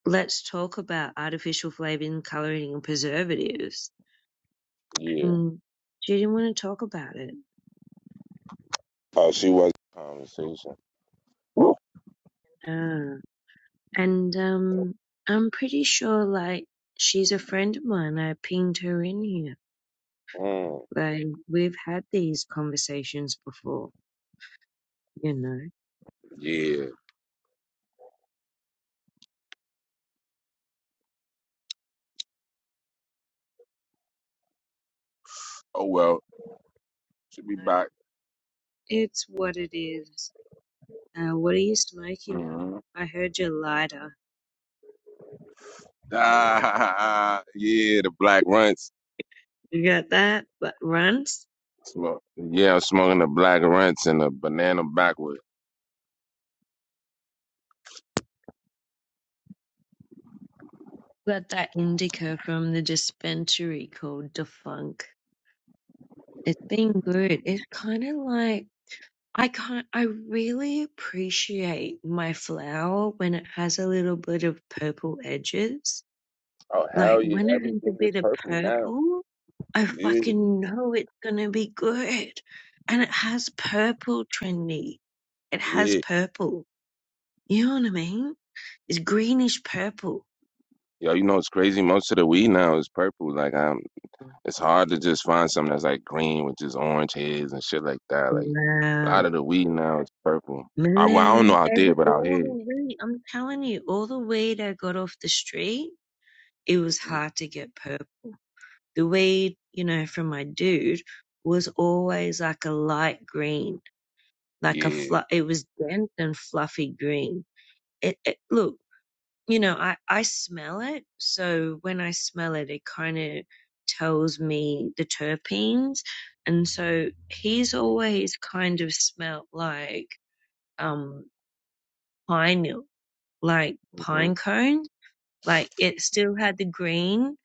let's talk about artificial flavoring, coloring and preservatives. Yeah. And she didn't want to talk about it. Oh, she was conversation. Woo. Uh, and um, I'm pretty sure like she's a friend of mine. I pinged her in here. Mm, Like we've had these conversations before. You know, yeah. Oh well, she'll be back. it's what it is. Uh, what are you smoking on? Mm-hmm. I heard your lighter. Ah, yeah, the black runts. You got that? But runs? Smoke. Yeah, I'm smoking the black runts and the banana backward. Got that indica from the dispensary called Defunk. It's been good. It's kind of like I can't. I really appreciate my flower when it has a little bit of purple edges. Oh Like hell yeah, when it has a everything is bit of purple now. purple, I Yeah, fucking know it's gonna be good. And it has purple, trendy. It has yeah. purple. You know what I mean? It's greenish purple. Yo, you know it's crazy. Most of the weed now is purple. Like I It's hard to just find something that's like green with just orange heads and shit like that. Like a Wow, lot of the weed now is purple. I well, I don't know man, out every, there, but out all here, the weed, I'm telling you, all the weed I got off the street, it was hmm hard to get purple. The weed, you know, from my dude was always like a light green, like a yeah, fl- it was dense and fluffy green. it, it look you know i i smell it so when i smell it it kind of tells me the terpenes and so he's always kind of smelled like um pine like hmm pine cone like it still had the green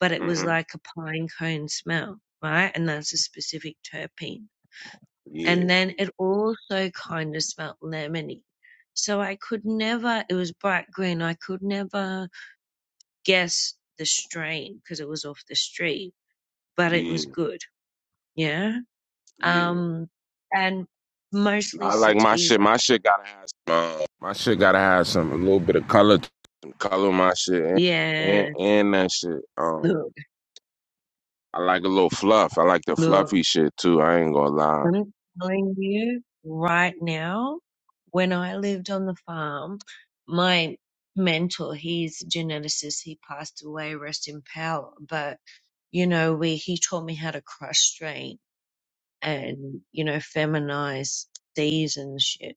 but it was hmm like a pine cone smell right and that's a specific terpene yeah, and then it also kind of smelled lemony so i could never it was bright green i could never guess the strain because it was off the street, but it yeah, was good. Yeah. yeah. Um, and mostly I like my shit. sativa. My shit gotta have some. Uh, my shit gotta have some a little bit of color, to- color my shit and Yeah. and, and that shit. Um, Look, I like a little fluff. I like the look, fluffy shit too. I ain't gonna lie. I'm telling you right now, when I lived on the farm, my mentor, he's a geneticist. He passed away, rest in power, but you know, we, he taught me how to crush strain and, you know, feminize seeds and shit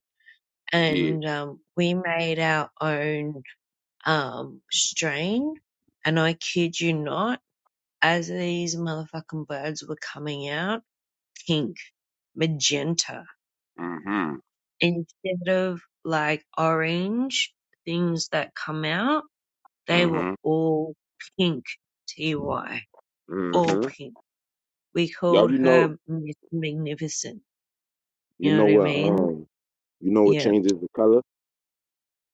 Yeah. and um, we made our own um, strain. And I kid you not, as these motherfucking birds were coming out, pink, magenta, Mhm. instead of like orange things that come out, they were Mhm. all pink, TY, all Mhm. pink. We Y'all, called you know, her Miss Magnificent. you You know know what I what? mean? Um, you know what Yeah. changes the color?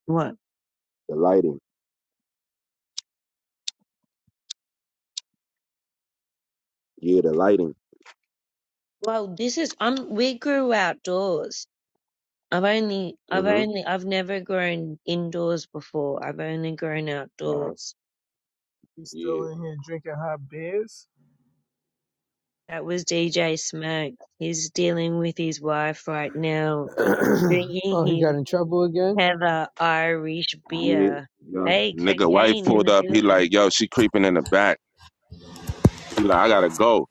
What? The lighting. Yeah, the lighting. Well, this is, um, we grew outdoors I've only, I've Mhm. only, I've never grown indoors before. I've only grown Nah. outdoors. He's still Yeah. in here drinking hot beers. That was DJ Smack. He's dealing with his wife right now, oh, drinking he got his in trouble again? Heather Irish Yeah. beer. Yeah. Hey, Nigga, wife cocaine in pulled the up. He building. like, yo, she creeping in the back. He like, I gotta go.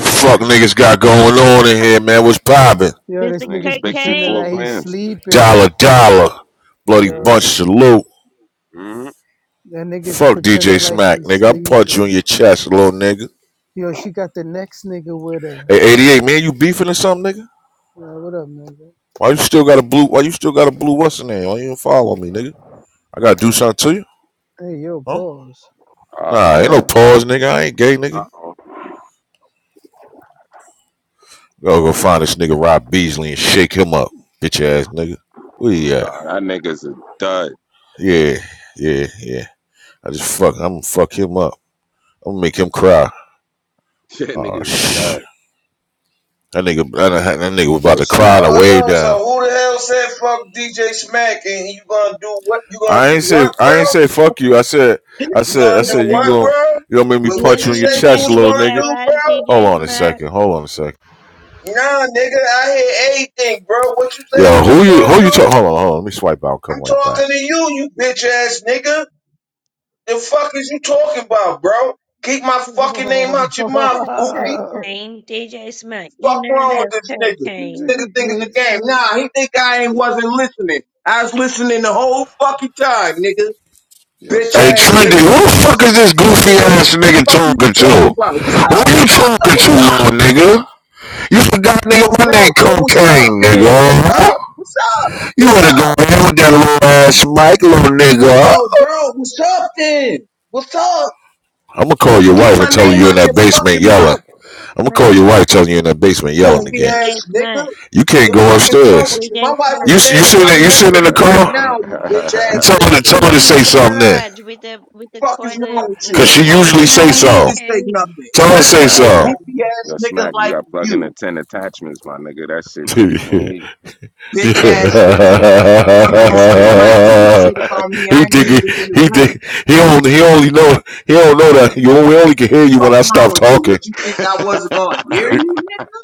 Fuck niggas got going on in here, man. What's poppin'? Yo, this Mr. nigga's Nigga, Bixie pretending four Cocaine! that he's grams. sleeping. Dollar, dollar. Bloody bunch Yo, salute. Mm-hmm. that nigga's Fuck pretending DJ like Smack, he's nigga. I'll punch you in sleeping. your chest, little nigga. Yo, she got the next nigga with her. Hey, 88, man, you beefing or something, nigga? Nah, what up, nigga? Why you still got a blue, why you still got a blue what's in there? Why you even follow me, nigga? I gotta do something to you? Hey, yo, Huh? pause. Oh Nah, ain't no man. pause, nigga. I ain't gay, Uh nigga. oh. Go go find this nigga Rob Beasley and shake him up, bitch ass nigga. Where he at? that nigga's a dud. Yeah, yeah, yeah. I just fuck, I'm gonna fuck him up. I'm gonna make him cry. That Oh, nigga's a shit. dud. That nigga, that, that nigga was about Yo, to cry smack. the Oh, wave yo, so down. who the hell said fuck DJ Smack and you gonna do what? You gonna I do ain't say, what, I bro? ain't say fuck you. I said, I You said, I gonna do said you what, gon' bro? you gonna make me With You're what punch going you you to in your be said you back chest, was in little your gonna nigga. do, garage, bro? Hold DJ on a Smack. second. Hold on a second. Nah, nigga, I hear everything, bro. What you said Yo, you was who you, gonna who you do? talk? Hold on, hold on. Let me swipe out. Come I'm right back. talking to you, you bitch ass nigga. The fuck is you talking about, bro? Keep my fucking name Oh, out your mouth, goofy. Cocaine, DJ Smack. You Fuck know wrong with that's this nigga? this This cocaine. nigga nigga think it's a game. gangster. Nah, he think I ain't wasn't listening. I was listening the whole fucking time, nigga. Yo, Bitch Hey, smack. He ass Trendy, knew nigga, you who was the fuck is listening. this goofy nigga. ass The nigga fuck are you talking talking to? about? What's up? Who What's you up? Ah So talking to, what's up? little man. nigga? You forgot, Yo, nigga, my bro, name so what's up Cocaine, nigga. then? What's huh? up? What's up? You What's wanna go up? in with that little ass Mike, little nigga? Yo, bro, what's up then? What's up? I'm gonna call your Keep wife my and tell her name you in out that your basement fucking yelling. mouth. I'm gonna Smack. call your wife, telling you in the basement yelling Oh, Goofy again. DJ ass nigga. Smack. You can't The go fuck is wrong upstairs. with you? DJ My wife Smack. is You you standing sitting right in- you next sitting to in the me right car. now, you bitch and ass Tell her to nigga. The tell It's her to in say the something then, garage with the with the fuck is wrong toilet with in cause the you? she yo, usually corner. She say don't need to so. say And nothing, Tell her yo, to especially say to smack. a and You got. so. goofy ass Yo, nigga smack. You like got plug in the you, ten attachments, my nigga. That shit. Niggas can't hear bitch ass you. nigga. Coming off niggas this can't hear mic you. talking shit about me, he I ain't think he, even in the he room. think he only he only know he don't know that you only, only can hear you when Fuck I stop wrong with you? talking. What you think I wasn't gonna hear you, nigga?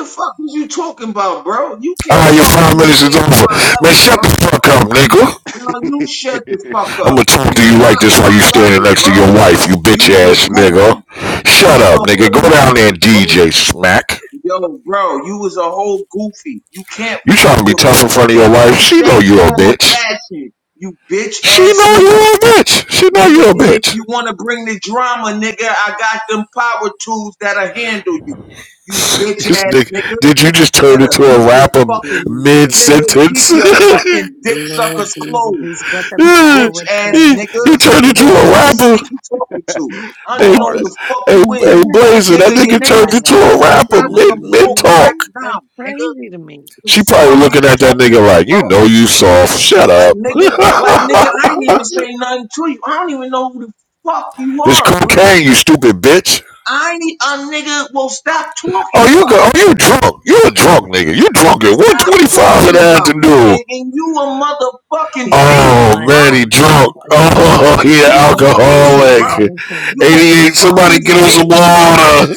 The fuck was you talking about, bro? You can't Ah, your fuck with five me. You minutes is ain't on over. my Man, level, shut bro. the fuck up, nigga. No, you shut the son. fuck I'ma up. talk to You's you like not this on while you my standing level, next to your bro. wife, you bitch You's a ass nigga. goofy. Shut You's a up, nigga. Go whole down there goofy, and bro. DJ smack. Yo, bro, you was a whole goofy. You can't You trying fuck to be with tough me in front of in your wife? any She know shape, you a form, or bitch. fashion. You bitch She ass know nigga. you a bitch. She know Nigga, you a and if bitch. you wanna bring the drama, nigga, I got them power tools that'll handle you. You bitch This ass nigga, nigga. did you just turn Better Oh, into a keep Lord your rapper fucking mid Jesus. nigga, keep sentence? he, your fucking dick Lord suckers Jesus, he's closed. got the You bitch power ass tools that nigga. he will bars, turned nigga. Who into handle the a fuck you. Bars. you rapper. think you talking to? I don't Hey, even know who bars. the fuck hey, you I hey, is. don't know what Blazer, that you Nigga, your nigga mean name turned by is into that. a Coke. Is You it rapper gonna do probably mid on mid Coke right talk. you? That's now, nigga. crazy to me. The She probably fuck is looking you at that talking nigga about, like, you bro? know you soft. Shut Like up. nigga, like nigga, I ain't even say nothing to you. I don't even know who the fuck you this are, bro. cocaine, you stupid bitch. I ain't, a nigga, will stop talking Oh, you about. go. Oh, you drunk. You a drunk nigga. You drunk at Stop 125 in talking the about me. afternoon. And, and you a Too motherfucking many fiend, Oh, bro. man, he Heinekens drunk. tonight. Oh, he an You a One too fiend, many bro. alcoholic. You Heinekens. a 88, somebody fucking get him some fiend, bro. water.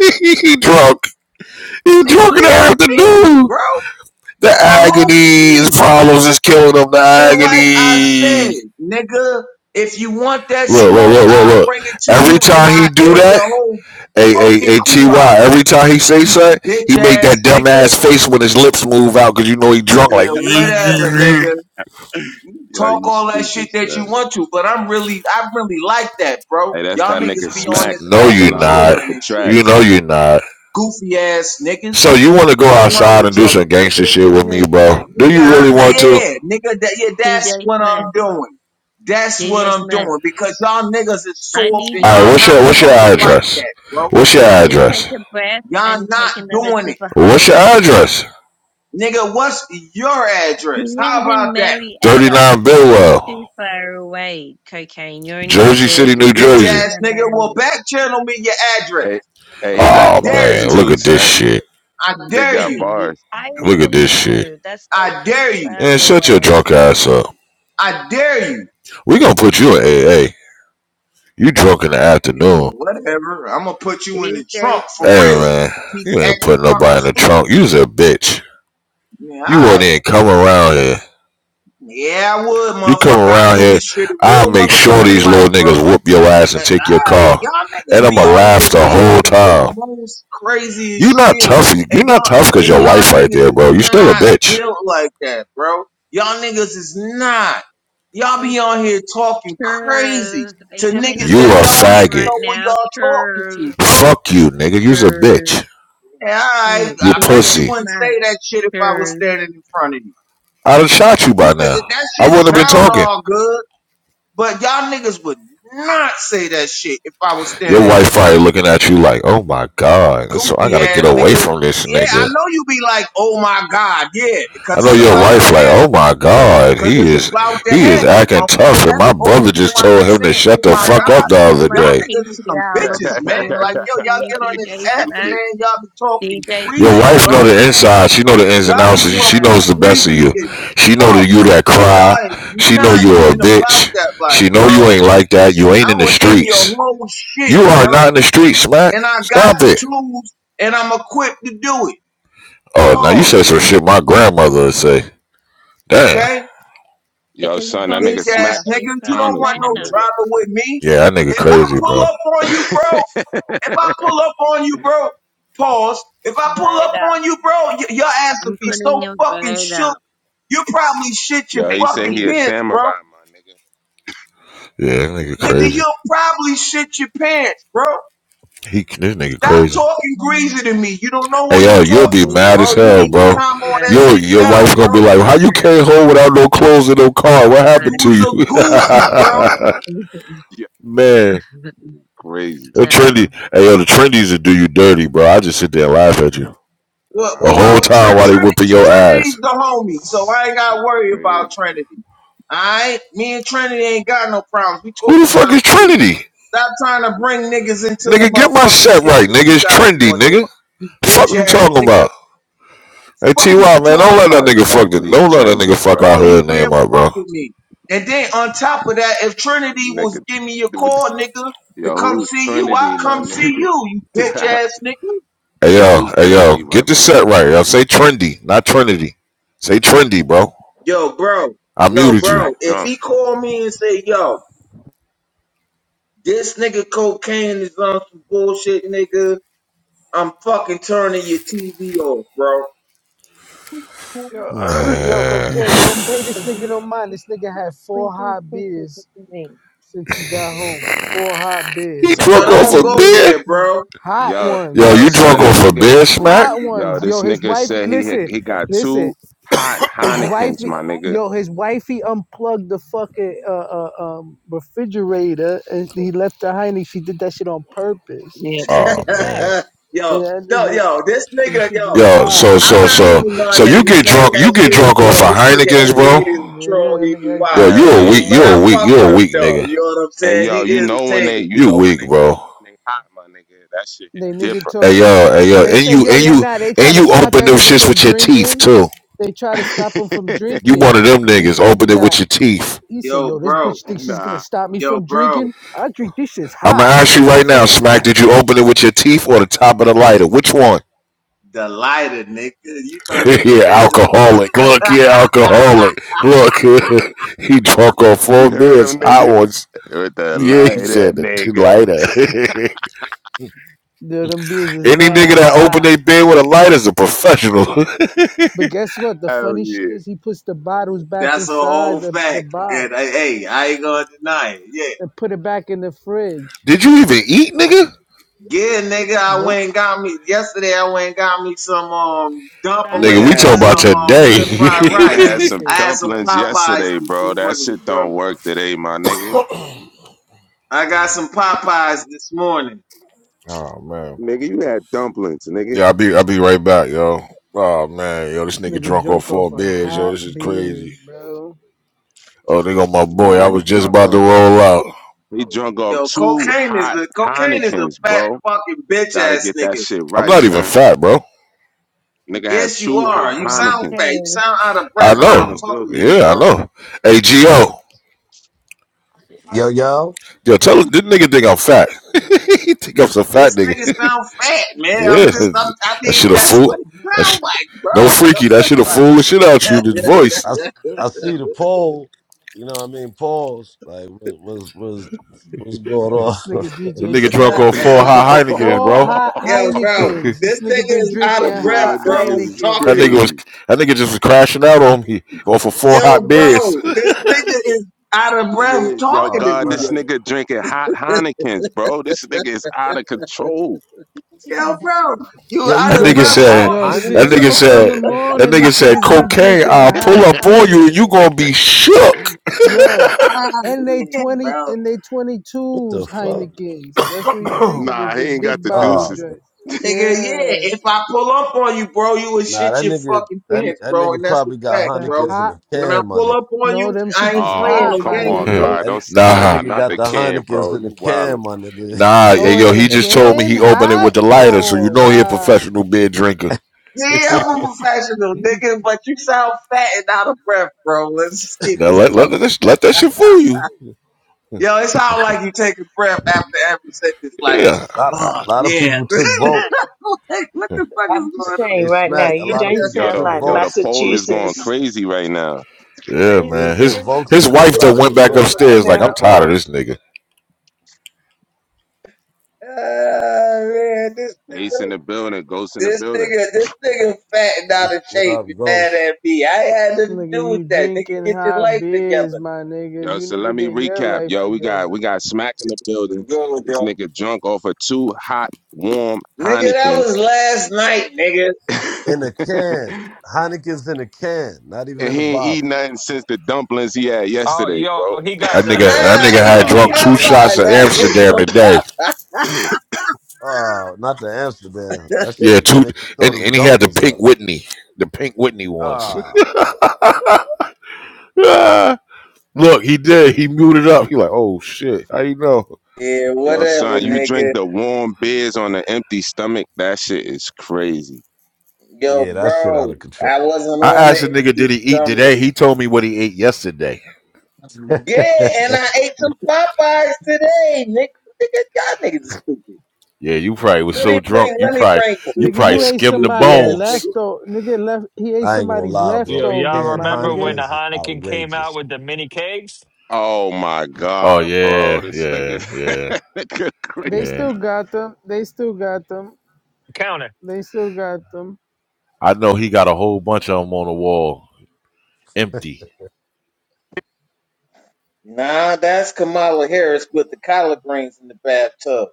he drunk. He Nigga, drunk in you the a fiend, afternoon. bro. The A whole agony, his fiend. problems is killing him. The And like I agony. said, nigga, if you want that Look, look, smoke, look, look, I look. bring it to Every you and time he I do air that, your whole a fucking a a crew ty. out. Every time he say You something, bitch he make ass that dumb nigga. ass face when his lips move out because you know he drunk. Like, Yeah, no, whatever, nigga. Yo, talk you all that shit stupid, that son. you want to, but I'm really, I really like that, bro. Hey, that's Y'all that nigga niggas be on Smack, this app you thousand dollars not. worth trolling of and shit. You tracks. know you not. Goofy ass niggas. So you want to go Fuck around outside with and do y'all, some gangster nigga. shit with DJ me, bro? Smack, Do Nigga, you I, DJ really want Smack, to? yeah, nigga, that, yeah, that's DJ what Smack, I'm doing. That's what DJ I'm Smack. doing because y'all niggas is I soft need and you All right. to y'all What's I not your need What's your you to fucking like address? that, bro. What's your Just take address? a breath Y'all and not take another doing sip it. of What's your Heineken. address? Nigga, what's your He address? How lives in about that? Thirty Marietta. nine You're too Billwell, far away, cocaine. You're in New Jersey City, New Jersey. Bitch He's Jersey. in ass nigga, well Atlanta. back channel me your address. Hey, hey, he I got Oh dare bars man, you. look too, at this son. shit. I They dare got you. Gee, bars. I Look at even this shit. know. That's like I too dare you. far And away. shut your drunk ass up. I dare you. We gonna put you in AA. You drunk in the Yeah, afternoon. whatever. I'm gonna put you in the DJ trunk for Hey Smart. real. man, Keep you ain't acting putting fucking nobody in the stupid. trunk. You's a bitch. Yeah, all You won't right. even come around here. Yeah, I would, You come motherfucker. I around do here, this shit in I'll real make sure motherfucking these life, little bro. niggas whoop your ass and All take your right, car. y'all And niggas be I'ma on here laugh and be the whole talking the time. most You are craziest not shit, tough. You are and not y'all tough cause and your y'all wife right niggas there, is bro. You still a not bitch. built like that, bro. Y'all niggas is not. Y'all be on here talking crazy Cheers. Are to you having a niggas You that a don't Heineken even faggot. right know who now? y'all talking Cheers. to, bro. Fuck you, nigga. You's a Cheers. bitch. Yeah, all Oh, right, You I bet DJ you pussy. wouldn't Smart. say that shit if I was Cheers. standing in front of you. i done shot you by You could now. that I shit wouldn't have been sound talking. all good, but y'all niggas would not say that shit if I was Your standing in wife probably front of you. looking at you like, oh my god, so I goofy gotta get ass away nigga. from this Yeah, I nigga. know you be like, oh my God, yeah, I because know it's your about to wife like, oh happen. my god, Because he it's is about to he is happen, acting motherfucker. tough, and That's my the only brother reason What, just why you what? told be him to saying, Does shut oh the my fuck my God. up the does other Y'all my day. niggas is some PTR that look bitches, man. Like, appealing yo, to y'all you, get on nigga this DJ app and, Smack? stupid. man, y'all be talking DJ Your Smack greasy, wife is know bro. the my inside, she know the ins and Y'all be outs, she PTI talking knows the best of greasy you. as appealing She know that fuck. you that And cry, y'all is she know not you're a even about bitch, that life, she know bro. you ain't like that. You ain't I in the will end your streets. whole shit, You are bro. not in the streets, smack. And I got Stop the it. tools and I'm equipped to do it. Oh, now you Pause. said some shit my grandmother would say. Damn. Okay? Yo, because he's You son, that from the nigga bitch ass Smack South. got He's nigga. You from don't katanas, want my no Atlanta. drama with me. Yeah, that nigga If I crazy, pull bro. up on you, bro, if I nigga. pull up on you, bro, pause. If I pull Vote up up. on you, bro, y- your ass will I'm be so putting a fucking vote shook. up You probably shit your Yo, for he fucking said he a Kenny. pants, samurai, bro. my nigga. Yeah, that nigga Nigga, crazy. you'll probably shit your pants, bro. He this nigga Stop crazy. talking greasy to me. You don't know who Hey you yo, you'll be talking to, mad as bro. You hell, need DJ to bro. calm all Smack that Your shit your down, wife gonna be bro. like, "How is you came home without no clothes in no car? What my You happened to you?" was a goofy, appealing. bro. Yeah, Man, crazy. the So. trendy. Hey yo, the trendies that do you dirty, bro. I just sit there and laugh at you Well, the Ah well, whole well man, Tr- time while they Trinity, whipping Tr- your ass. Trinity's the homie, so I ain't got to worry about crazy. Trinity. All right? Me and Trinity ain't got no problems. We Who the talking fuck is about you. Trinity? Stop trying to bring niggas into the Nigga, get my motherfucking shit shit right, that nigga. you It's got trendy, going on. nigga. You The fuck bitch you ass talking nigga. about? Hey Fuck are Ty, you man, don't talking let that about? That's nigga fuck the, definitely don't let that nigga trendy, fuck our bro. Bro, you hood name can't up, bro. fuck with me. And then on top of that, if Trinity was Nigga, giving me a call, nigga, to yo, come who's see you, I Trinity, my come see nigga? you, you bitch ass nigga. Hey yo, yo, who's hey Trinity, yo, my get this nigga? set right. Yo, say trendy, not Trinity. Say trendy, bro. Yo, bro. I Yo, Nigga muted you. bro. smack If drunk. he called me and say, yo, This nigga cocaine is on some bullshit, nigga. I'm fucking turning your TV off, bro. Yo, yo, Man, cocaine. Don't pay this nigga no mind. This nigga had Yeah, four hot beers since he got home. Four hot he That's beers, a my So drunk fact. off nigga. don't a The- go beer. there, bro. Hot Yo, Yo, yo, you ones. drunk son, the off a nigga, beer, smack. Hot yo, ones. Yo, this his nigga wifey. said he had, Listen, he got two listen. hot His Heinekens, wifey. my nigga. Yo, his wifey unplugged the fucking uh, uh, um, refrigerator and he left the hiney. She did that shit on purpose. that's a Oh fact. man. And yo, that yo, nigga. yo, this Them nigga, shits is yo, Yo, hot. so I'm so not so even so gonna you get entertain drunk, you that get shit. drunk off Yo, of this nigga Heinekens, bro. 88 is a troll, Yeah, that he be nigga Yo, acting wildin'. up you Hell cause a yeah, weak, you, uh, you But and, I a weak, fuck you a with him weak though, nigga. you know what I'm and saying? yo, He you know when they, entertaining. you You know when weak, they want, bro. when they hot, my nigga. That shit hit they nigga Hey told yo, hey yo, they and say you yo and that you nah they and try to you stop open that them nigga shits from with your teeth drinking. too. They try to stop him from You drinking, one of them and niggas this open nigga it with got your teeth. he said Yo, yo this bro, bitch thinks different. she's gonna nah, stop me yo, from drinking. bro, I drink this shit's I'm gonna hot, ask you right just now, like Smack. that. Did you open it with your teeth or the top of the lighter? Which one? the lighter, nigga, you know what yeah, it is. alcoholic. Look, yeah, alcoholic. Look, he drunk on four you heard beers, him, hot nigga, ones. with the Yeah, he lighter, said the nigga. Lighter. Dude, them beers is Any mad nigga that open hot. their beer with a lighter is a professional. But guess what? The Hell funny shit yeah, is he puts the bottles back That's a inside whole the, the fact. And hey, box hey, I ain't gonna deny it. Yeah. and put it back in the fridge. Did you even eat, nigga? Yeah, nigga, I Nope. went and got me yesterday. I went and got me some um Guys Nigga, nigga dumplings we had talking and some, about from some um shrimp Springfield, fried nigga rice. had today. some I Massachusetts. had some dumplings Popeyes yesterday, this bro. That morning, shit bro. don't work today, my nigga. I got some Popeyes this morning. oh man. Nigga, you had dumplings, nigga. Yeah, I'll be I'll be right back, yo. Oh man, yo, this This nigga nigga drunk on drunk four off a beers, yo. hot This is crazy. beer. Oh, they go my boy. I Nah, he was just drunk about off. to roll out. He drunk off Yo, two cocaine is hot a cocaine is a Heinekens, fat bro. fucking bitch Gotta ass get that nigga. shit I'm right, not even son. fat, bro. Nigga had Yes, you two are. Good, hot You sound Heinekens. fat. okay. You sound out of I breath while God in I'm the know. talking building. to you, Yeah, I bro. know. Hey, Gio. Yo, yo, Yo, tell this nigga think I'm fat. he think I'm some fat This nigga. nigga sound fat, man. yeah, I'm just, I'm, I that think shit a that's fool. what it That sh- sound like, no freaky. That bro. shit a fool the shit out you. This voice. I, s- I see the poll. You know what I mean? Polls. Like, what, what's, what's, what's going Yo, this on? nigga This DJ nigga drunk Smack. on four hot Heinekens, Four bro. hot Yo, Yo, bro, Heinekens. This this nigga nigga been is out drinking of hot breath, bro, niggas is talking That to Heinekens. nigga was. me. crazy. That nigga just was crashing out on me. Off of four Yo, hot beers. bro, this nigga is out of breath Yeah, yo, talking oh, to God, me, this man. yo. nigga drinking hot Heinekens, bro. This nigga is out of control. Yo, bro, you Yo, you That out of nigga breath drinking Sure. hot said, Yo, talking to me, that since Heinekens, yo, nigga Okay, bro? six bro. in the said, Sure. that morning, nigga this said, nigga's been cocaine, drinking I'll pull hot up on you and you Heinekens. gonna be shook. Yo, Ah, and they man, 20 bro. and they What the 22s fuck? Heinekens. That's what he's nah, drinking, the, Nah, he the ain't got big the bottle Oh, deuces. man. joint. Nigga, yeah, Yeah, if I pull up on you, bro, you would nah, shit that your nigga, fucking that, ni- pants, that bro, and nigga that's a probably got fact, the bro. Heinekens in hot. the When I can, my pull nigga. up on No, you, them I shit ain't is playing Oh, hot, no come my games, on, nigga. bro. God. Don't That, s- that nah, nah, nigga not got the the can, Heinekens bro. in the You wildin'. can, my nigga. yeah, Oh, yo, in he the just told me can? he opened it Hot? with the lighter, so Oh, you know he a wow. professional beer drinker. Yeah, I'm a, a professional, nigga, but you sound fat and out of breath, bro. Let's just keep Now it let above. let, let, this, let that shit fool you. Yo, it sounds like you take a breath after every sentence, like, Yeah, lot, oh, a lot of yeah. people took votes. like, what the fuck I'm is just going on? saying Hey, right now, Smack, a you lot of don't people Yo, sound the took like yo, the votes. poll is going Massachusetts. crazy right now. yeah, Crazy. Yeah, man. You the His don't votes sound his is, is wife that out of went back Massachusetts control. right upstairs like I'm now. tired of Pause. this nigga. Ah man, this Ace in nigga, the building, Ghost in the this building. nigga, this nigga fattened out It's of what shape up, and mad Ghost? at me. I ain't had nothing to do Nigga, with you that. Nigga, drinking get your hot life beers, together. my nigga. Yo, You so need to let me get your recap. life Yo, we got we together. got Smack in the building. I'm good with This y'all. nigga drunk off of two hot, warm Nigga, that Heinekens. was last night, nigga. and In a can. Heineken's in a can, not even in a he ain't eat bottle. nothing since the dumplings he had Oh, yesterday, yo, bro. he got That the Nah, nigga, little that I nigga mini ate had some drunk Ah, kegs. two Yo, Popeyes. shots of I ate Amsterdam some today. Popeyes. ah, not the Amsterdam. That should Yeah, have two, make you and, throw them and he had the dumplings pink up. Whitney, the pink Whitney ones. Ah, Ah. Look, he did. He muted up. He like, oh shit. How you know? Yeah, Yo, whatever, son, you drink nigga. the warm beers on an empty stomach. That shit is crazy. Yo, yeah, that shit out bro, of control. I wasn't I on the asked the nigga, empty did he eat stomach. today? He told me what he ate yesterday. I Yeah, and I ain't ate some Popeyes today. Nick, nigga, y'all niggas is stupid. Yeah, you probably was Let so me drunk. bring, You let me probably bring you Nigga, probably you goofy, ate skimmed the goofy somebody's ass bones. nigga. leftover. Nigga, left. He ate gonna somebody's lie, bro. yo, y'all leftovers, Can my remember when nigga. the Heineken's is Heineken came out outrageous. with the mini kegs? Oh my Oh God, bro. yeah, This yeah, nigga, yeah, nigga They yeah. still crazy. got them. They still got them. Counter. They still got them. I know he got a whole bunch of them on the wall, empty. Nah, that's Kamala Harris with the collard greens in the bathtub.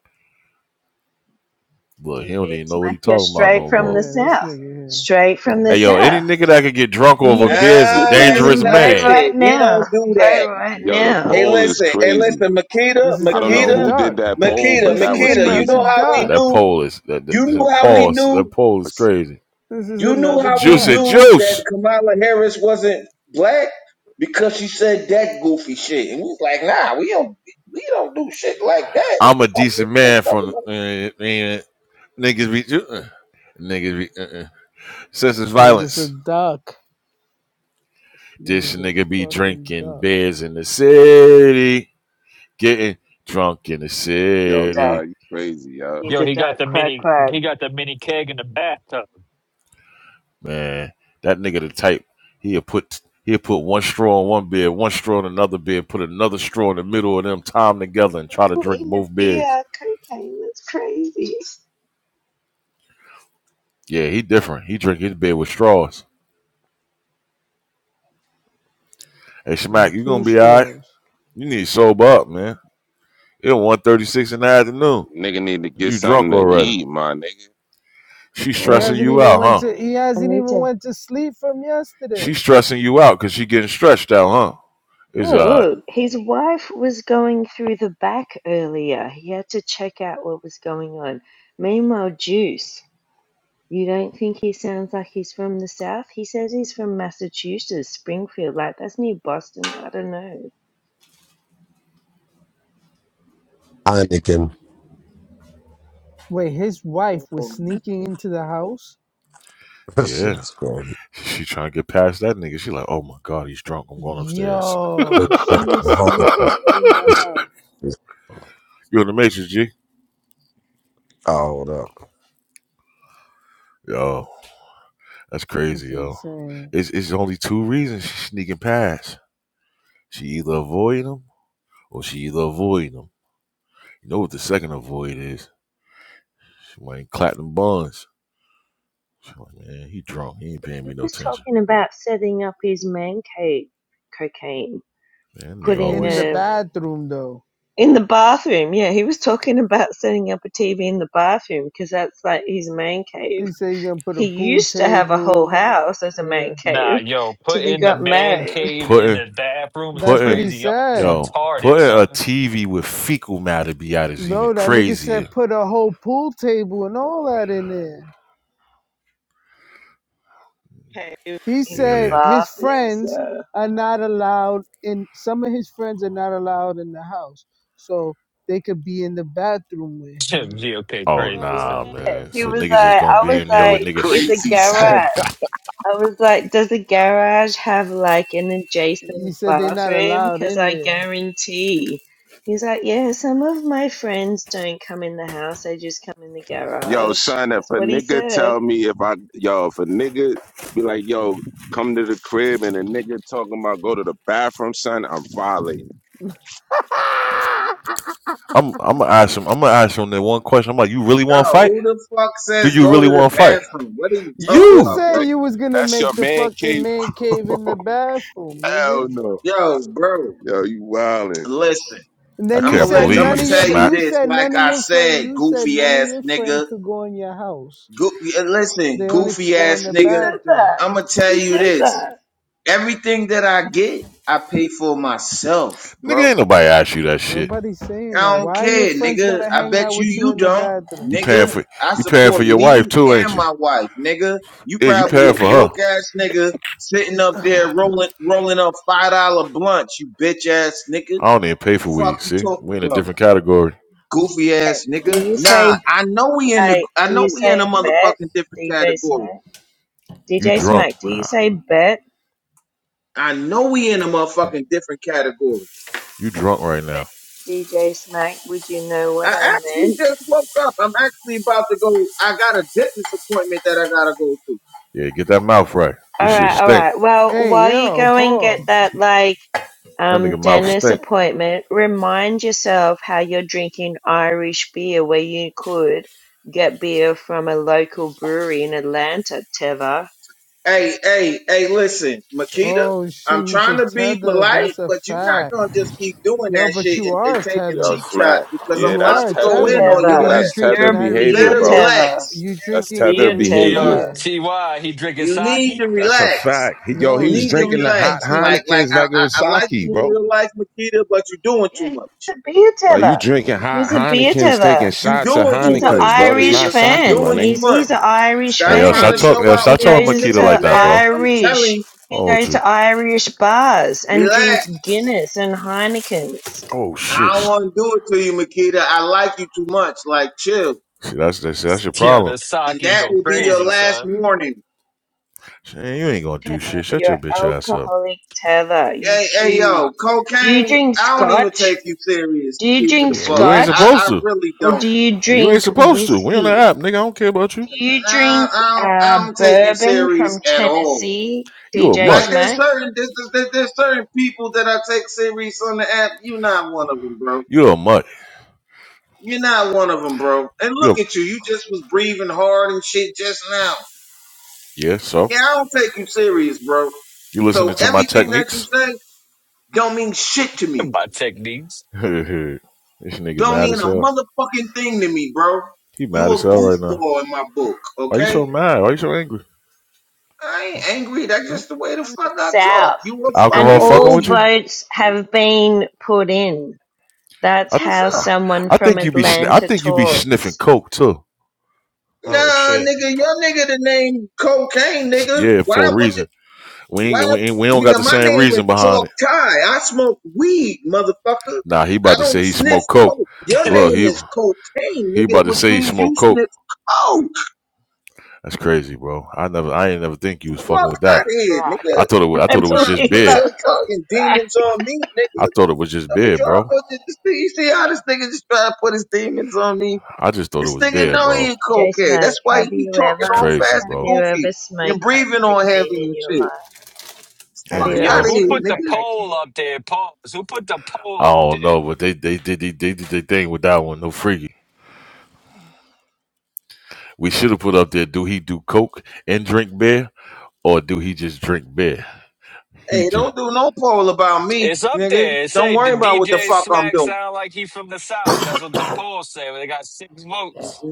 Look, he don't DJ even know what he Smack, you're talking about straight no from more. the Yeah, this South. nigga here. Straight from the Hey yo, any South. nigga that could get drunk over You ne- beer is a Nah, people need that's to dangerous other vote man. right shit. We now. don't do Vote that. right Yo, the now. Hey, poll is listen, hey, crazy. listen, This Makita, is I don't know another Makita, who did duck. that poll, Makita, but This that is was Makita. You another crazy. know how Yeah, we duck. that knew? pole is that, that, You knew that how we pause. knew? That pole is crazy. This is You knew another how we duck. Juicy knew juice. that Kamala Harris wasn't black because she said that goofy shit, and we was like, nah, we don't, we don't do shit like that. What I'm a the fuck is decent this bitch man from talking uh, about? uh, niggas be uh, uh, niggas be uh, uh. senseless This nigga's a violence. duck. This This nigga's a nigga be fucking drinking duck. beers in the city, getting drunk in the Definitely a Yo, duck. God, city. you crazy, yo. He's Yo, a he got duck. the Quack, mini. quack. He got the mini keg in the bathtub. Man, that nigga the type. He'll put he'll put one straw in one beer, one straw in another beer, put another straw in the middle of them, tie them together, and try to Oh, drink in the both beers. beer, cocaine. That's crazy. Yeah, he different. He drink his beer with straws. Hey, Smack, you gonna Two be all right. straws. You need to sober up, man. It's 1.36 in the afternoon. Nigga need to get You drunk something to already. eat, my nigga. She's He Oh, stressing hasn't you even out, went huh? I to need. he I hasn't need even to. went to sleep from She's yesterday. stressing you out because she getting stretched out, huh? It's Look, uh look, his wife was going through the back earlier. He had to check out what was going on. Meanwhile, Juice, you don't think he sounds like he's from the South? He says he's from Massachusetts, Springfield, like that's near Boston. I don't know. Heineken, Wait, his wife was He sneaking into the house? this shit yeah. is crazy. She trying to get past that nigga. She like, oh my god, he's drunk. I'm going upstairs. you The- Yo, the she was Heineken's, sneaking in the this house. shit is- in the matrix, G? Oh, hold up. Yo, that's crazy, That's yo. insane. It's it's only two reasons she's sneaking past. She either avoiding him or she either avoiding him. You know what the second avoid is? She went clapping buns. She like, man, he drunk. He ain't paying me no was attention. talking about setting up his man cave cocaine, Man, that I- nigga putting In the always a bathroom though. in the bathroom. Yeah, he was talking about setting up a TV in the bathroom because that's like his man cave. He said you gonna put a he pool used to have a whole table. house as a Yeah. man Nah, cave yo, put till he in the got man married. cave in putting the bathroom is That's what Putting he crazy. Y'all is said. yo, retarded, putting a son. TV with fecal matter be out is even No, that nigga crazier. said put a whole pool table and all that in there. Cave He in the said Yeah. his bathrooms. friends Uh, are not allowed in some of his friends are not allowed in the house. So they could be in the bathroom with him. GOK Oh Yeah, crazy, nah, yeah. son. man. he So was niggas is like, gonna I y- be was in yo, there with you like, niggas. is a Sh- crazy, son. garage. I was like, does a garage have like an He adjacent said they're not bathroom? allowed Because in I there. guarantee. He's like, yeah, some of my friends don't come in the house, they just come in the Yo, garage. son, if That's a what he nigga said. tell me if I, yo, if a nigga be like, yo, come to the crib and a nigga talking about go to the bathroom, son, I'm violating. I'm I'm gonna ask him. I'm gonna ask him that one question. I'm like, you really want to Yo, fight? who the fuck Do says you go really to the want to fight? bathroom? What are you talking You You. about, bro? say Nigga, you was if gonna that's make your the man, fucking cave, man cave in the bathroom, nigga. hell no. Yo, bro, Yo, you wildin'. listen. And I then you I'm can't gonna said let I'm believe none gonna you, of your tell you smack. you this. said none Like of I your friends said, you said goofy none of ass your friends nigga. could go in your house. Goofy, uh, listen, They only could goofy go in ass the He nigga. said bathroom. that. I'm gonna tell He you said this. that. Everything that I get, I pay for myself, Nigga, bro. ain't nobody asked you that shit. Nobody's saying I that. don't Why your care, friends nigga. gotta I hang out bet you with you you in the don't, You bathroom? paying nigga. for I you paying for support your wife me too, ain't and you? my wife, nigga. You Yeah, you probably paying a for her. broke ass nigga sitting up there rolling rolling up five dollar blunts, you bitch ass nigga. I don't even pay for Fuck weed. you See, talking we in a about, different category. goofy Yeah. ass Do nigga. you Nah, You, say I know we in the Like, I do know you we in say a bet, motherfucking different DJ category. Smack? you DJ drunk. Smack, do you Ah, say bet? I know we in a motherfucking different category. You drunk right now. Bet. DJ Smack, would you know I what I actually meant? just woke up. I'm actually about to go. I got a dentist appointment that I gotta go to. Yeah, get that mouth right. This shit Alright, stink. alright. Well, Hey, while you yo, go and get pause. that, like, That nigga um, mouth dentist stink. appointment, remind yourself how you're drinking Irish beer where you could get beer from a local brewery in Atlanta, Teva. Hey, hey, hey, listen, Makita, Oh I'm shit, he's a trying to be tether. Uh, polite, That's a but you're not fact. going to just keep doing Yo, that but shit you and, are and a taking Yo, tether. cheap smack. shots because I'm Yeah, You that's about beer. are to a go tether. tether, in my on Yo, nigga. your Teva. You that's ass. You're tether drinking a You Irish behavior, beer better bro. beer. Teva. relax. You You're a That's drinking tether beer Irish behavior. Yo, Teva. beer. Ty, he drinking You need sake. to That's a relax. fact. He, yo, No, You he was he's need to drink. drinking the He's hot relax. drink. Like, like, Heinekens I, like it I, was I like sake, you in bro. real life, Makita, but you're doing too Yeah, he's much. a beer Like you tether. drinking hot He's a beer Heinekens, taking tether. You shots of doing too He's an much, Heinekens, bro. That's Irish Makita. not you sake, fan. my doing too nigga. He's much. he's an Irish Hey, Stop yo, trying stop to fan. talking. show Yo, out He stop for talking these goes Makita niggas, like to that, man. bro. I'm telling Irish. you, He Oh, with goes you. to Irish bars and relax. drinks Guinness and Heinekens. Oh And shit. I don't See, want to do it to you, Makita. I like you too much. Like, chill. that's that's, that's your Yo, problem. the And sake that go will be Tether, your crazy, last son. warning. Shit, you ain't gonna do shit. Shut your your bitch ass up. alcoholic tether. You Hey, hey, yo, choose. Do you cocaine. drink I don't even take scotch? you serious Do to you keep it a drink You buck. you ain't I, scotch supposed I to. really or don't. do you You ain't drink supposed to. We on the whiskey? app, nigga. I don't care about you. Do you I, drink I don't. uh, I don't take you bourbon serious from at all. Tennessee, You a DJ Like mutt. there's Smack? certain there's, there's, there's certain people that I take serious on the app. You're not one of them, bro. You a mutt. You're not one of them, bro. And You a look at you. You just was breathing hard and shit just now. yeah. So Yeah, I don't take you serious, bro. you listening So to my everything that you techniques? say don't mean shit to me. By techniques. this nigga Don't mad mean as a hell. motherfucking thing to me, bro. He You mad a as hell right now. goofball in my book, Why you okay? so mad? Why you so angry? I ain't angry. That's Hmm? just Is the way the from the fuck I talk. south, You a and alcohol fucking fucking all with goofy. you? votes have been put in. That's I, The th- how fuck? I someone I from think you be sn- I Atlanta think you be sniffing talks. coke too. Oh Nah, shit. nigga, your nigga the name cocaine, S- nigga. Yeah, Why for a would you? reason. We ain't, we Well, ain't, we don't got nigga, the my same name is reason behind Chalk it. Ty. I smoke weed, motherfucker. Nah, he I about to don't say he sniff smoked coke. coke. Your Look, name he is cocaine, he nigga, about to which say he means you smoked coke. sniff coke. That's crazy, bro. I never I ain't never think you was fucking Fuck It's with out called that. of here, crack. I nigga. thought it was, I Don't I be thought it was trying to just believe put bed. your that's called fucking crack. demons on me, I nigga. thought it was just Don't be bed, trying to bro. put this, you see how this nigga just trying to put his demons on me? I just thought it This was nigga bed, Real know he bro. ain't DJ cocaine. Smoke, That's why he have be you talking It's all ever, crazy, fast have and bro. you ever goofy smoked and crack breathing all cocaine heavy in and your shit. life? Have Fuck you Damn, ever Yo, out of bro. who here, smoked put the nigga. crack poll cocaine? up there? Pause. Who put the poll I up don't there? know, but they they did they, they, did their thing with that one. No freaky. We should have put up there. Do he do coke and drink beer? or do he just drink beer? He Hey, drink. don't do no poll about me, It's up nigga. there. It Don't say the worry about what the DJ fuck I'm Smack doing. sound like he from the South. That's what the poll say. They got six votes.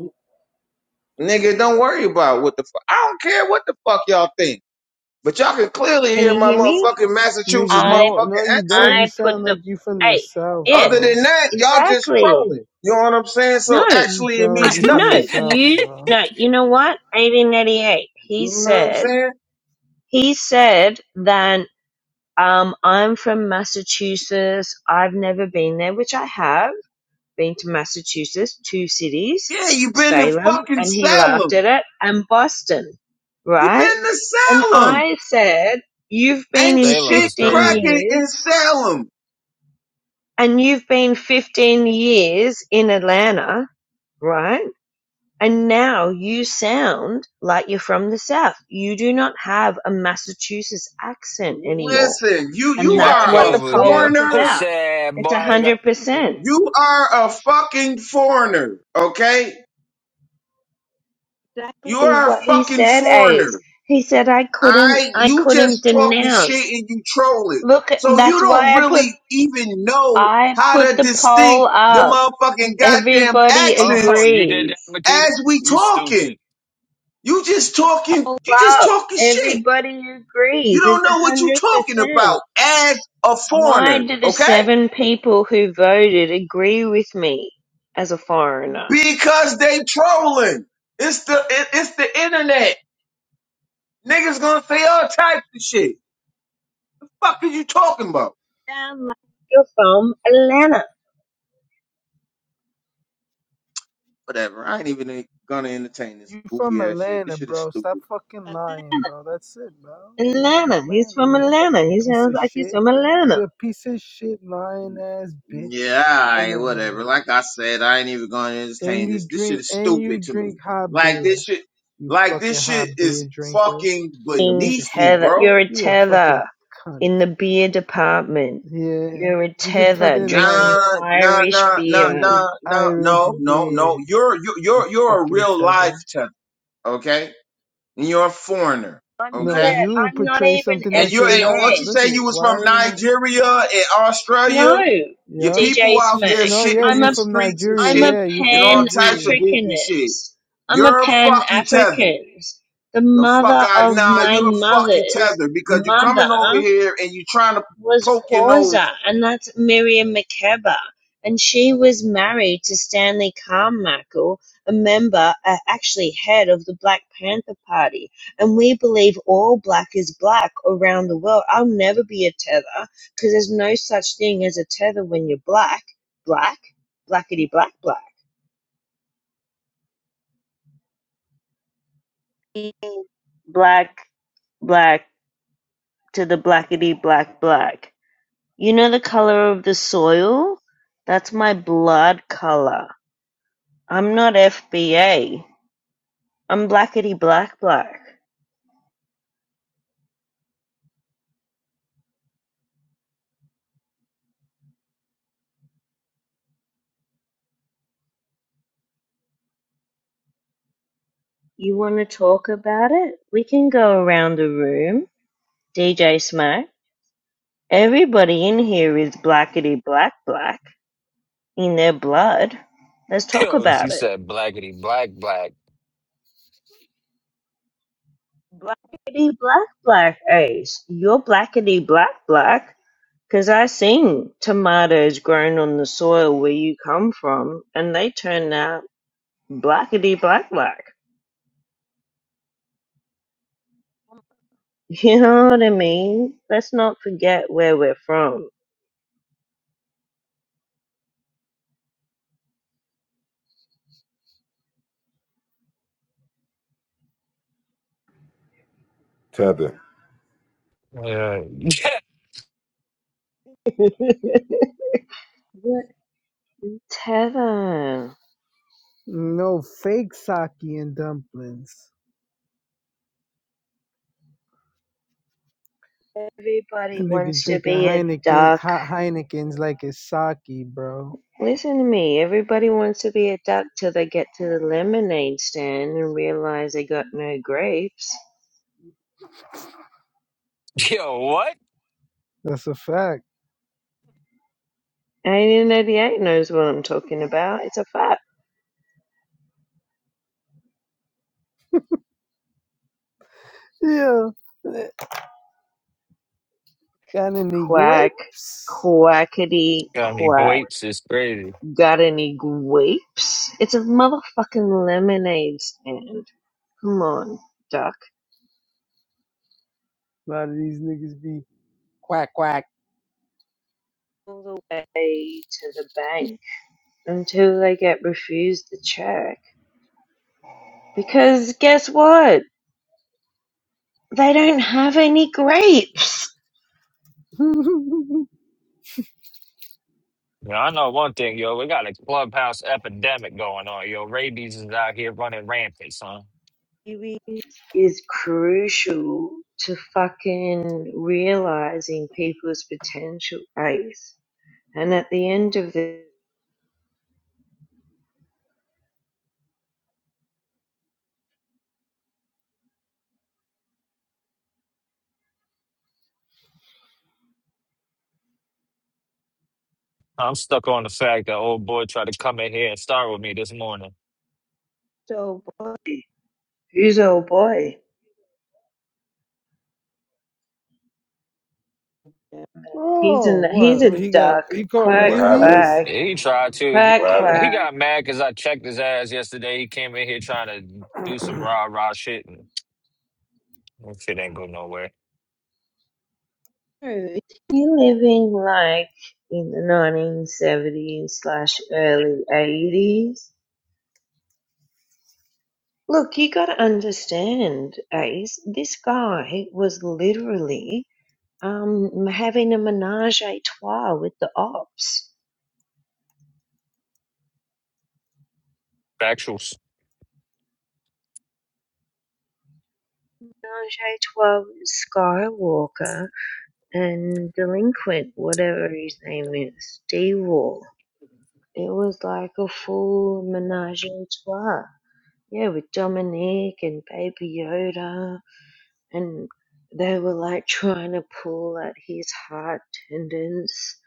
Nigga, don't worry about what the fuck. I don't care what the fuck y'all think. But y'all can clearly Can hear you my hear me? motherfucking Nigga, Massachusetts I, no, no, motherfucking you don't. accent. You I put sound the, like you from the hey, south, yeah, Other bro. than that, y'all just exactly. trolling. You know what I'm saying? So No. You actually it sound like I means you from the no, nothing. south, you bro. no, you know what? 1888. You He know what I'm said saying? he said that um I'm from Massachusetts. I've never been there, which I have been to Massachusetts, two cities, Yeah, you been to Salem, fucking and he laughed Salem. at it, and Boston, You right? been to And Salem. I said, "You've been Ain't in Salem shit is 15 crazy. cracking years, in Salem. and you've been 15 years in Atlanta, right?" And now you sound like you're from the South. You do not have a Massachusetts accent anymore. Listen, you, And you You that's got are what a hit him the with poll your was foreigner about. pussy, It's a boy. You hundred got... percent. You are a fucking foreigner, okay? You Exactly are a what he fucking said, Ace. foreigner. He said I couldn't I, I you just couldn't talking shit denounce. and you trolling. Look So you that's don't why I put really even know I how put to the poll distinct the up. motherfucking goddamn Everybody Oh, accents you did that, agrees. Makita? as we You talking. stupid. You just The talking, poll you just up. talking shit. Everybody You agrees. don't It's know a what you hundred talking percent. about as a Why foreigner, do the okay? seven people who voted agree with me as a foreigner? Because they trolling. It's the, it, it's the internet. Niggas gonna say all types of shit. The fuck is you talking about? Damn, like you're from Atlanta. Whatever. I ain't even gonna entertain this You from goofy ass shit. This Atlanta, shit is bro. stupid. Stop fucking lying, bro. That's it, bro. You from Atlanta. He's Atlanta, from you Atlanta. fucking He piece sounds of like shit. he's from Atlanta. You're a piece of shit, lying ass bitch Yeah, from alright, Atlanta. whatever. Like I said, I ain't even gonna And entertain you this. This shit drink is and you stupid to drink me. hot Like beer. this shit, You like fucking this shit hot beer is drinker. fucking You're a Being piece of beneath me, shit. tether. bro. You're a You a fucking tether cunt. in the beer department. Yeah, You're a he's a tether tether in life. Nah, drinking nah, Irish nah, nah, beer. nah, Drinking nah, Irish no, no, no. beer. You're, you're, You you're, you're a fucking real life tether. tenor, okay? And you're a foreigner, I'm No, not a. okay? you I'm not portray even something and that you're you're and what FBA. not. you Look say at you was why from are you not? Nigeria and Australia, No, your Yep. people DJ out She's there Smack. no, yeah, shitting I'm in you the a from streets and Nigeria. I'm shit a Yeah, you from and all Pan types of Nigeria. goofy shit. Africanist. I'm a You're Pan fucking tethered. Africanist. The The fuck mother out of nah, my you're fucking mother's tethered because you're coming over mother here and you are trying to was poke your nose. Kwanzaa, and that's Miriam Makeba. And she was married to Stanley Carmichael, a member, uh, actually head of the Black Panther Party. And we believe all black is black around the world. I'll never be a tether because there's no such thing as a tether when you're black. Black, blackety black, black. black, black to the blackety black, black. You know the color of the soil? That's my blood color. I'm not FBA. I'm blackety black, black. You want to talk about it? We can go around the room. DJ Smack. Everybody in here is blackety black, black in their blood. Let's talk Yo, she about it. said blackity black black. Blackety black, black, Ace. You're blackety black, black. Because I seen tomatoes grown on the soil where you come from, and they turn out blackety black black. You know what I mean? Let's not forget where we're from. Yeah. What tether? No fake sake and dumplings. That Everybody nigga wants to drinking be a Heineken, duck. hot Heinekens like it's sake, bro. Listen to me. Everybody wants to be a duck till they get to the lemonade stand and realize they got no grapes. Yo, what? That's a fact. And you know knows what I'm talking about. It's a fact. Yeah. Kind of need Quack, grapes. quackity Got me quack. grapes. It's crazy. Got any grapes? It's a motherfucking lemonade stand. Come on, duck. A lot of these niggas be. All the way to the bank until they get refused the check. Because guess what? They don't have any grapes. You know, I know one thing, yo. We got a clubhouse epidemic going on, yo. Rabies is out here running rampant, son. It is crucial to fucking realizing people's potential. Ace. And at the end of the I'm stuck on the fact that old boy tried to come in here and start with me this morning. so He's old boy. He's oh, an he's a what? He got, duck. he caught Quack rabies? quack He tried to. He, quack What he happened? he quack. got mad because I checked his ass yesterday. He came in here trying to do some rah rah shit, and that shit ain't go nowhere. Is he living like in the nineteen seventies slash early eighties? Look, you gotta understand, Ace, this guy was literally um having a menage a trois with the ops. Factuals. Menage a trois with Skywalker and delinquent, whatever his name is, D It was like a full menage a trois. Yeah, with Dominique and Baby Yoda. And they were like trying to pull at his heart tendons,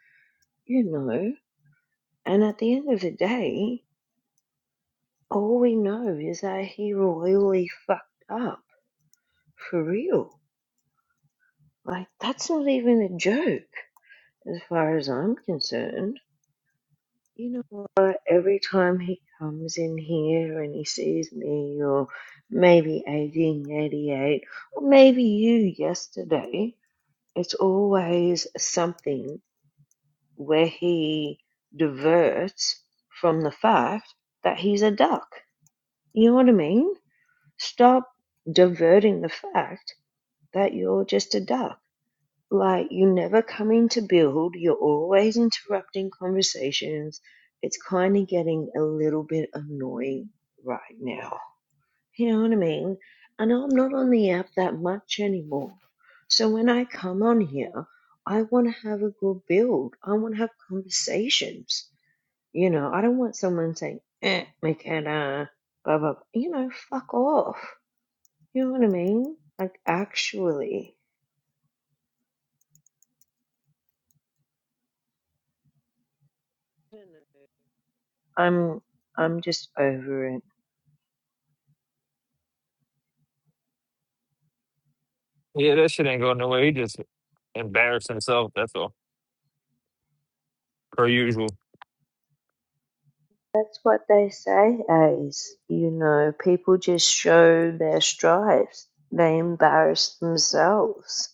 you know. And at the end of the day, all we know is that he royally fucked up. For real. Like, that's not even a joke, as far as I'm concerned. You know what? Every time he comes in here and he sees me, or maybe 1888, or maybe you yesterday, it's always something where he diverts from the fact that he's a duck. You know what I mean? Stop diverting the fact that you're just a duck. Like you never coming to build, you're always interrupting conversations. It's kind of getting a little bit annoying right now. You know what I mean? And I'm not on the app that much anymore. So when I come on here, I want to have a good build. I want to have conversations. You know, I don't want someone saying, eh, McKenna, blah, blah, blah. You know, fuck off. You know what I mean? Like, actually. I'm I'm just over it. Yeah, that shit ain't go nowhere. He just embarrassed himself. That's all. Per usual, That's what they say, Ace. You know, people just show their stripes. They embarrass themselves.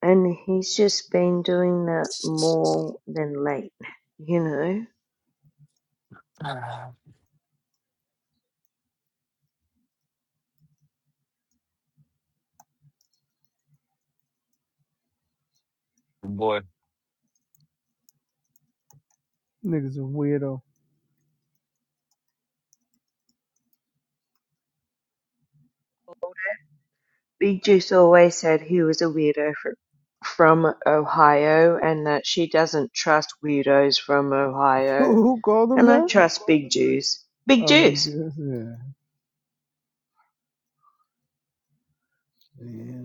And he's just been doing that more than late, you know? boy. niggas a weirdo. Big Juice always said he was a weirdo from, from Ohio and that she doesn't trust weirdos from Ohio. Who called him And I that? trust Big Juice. Big Oh, Big Juice! Jess, yeah. yeah.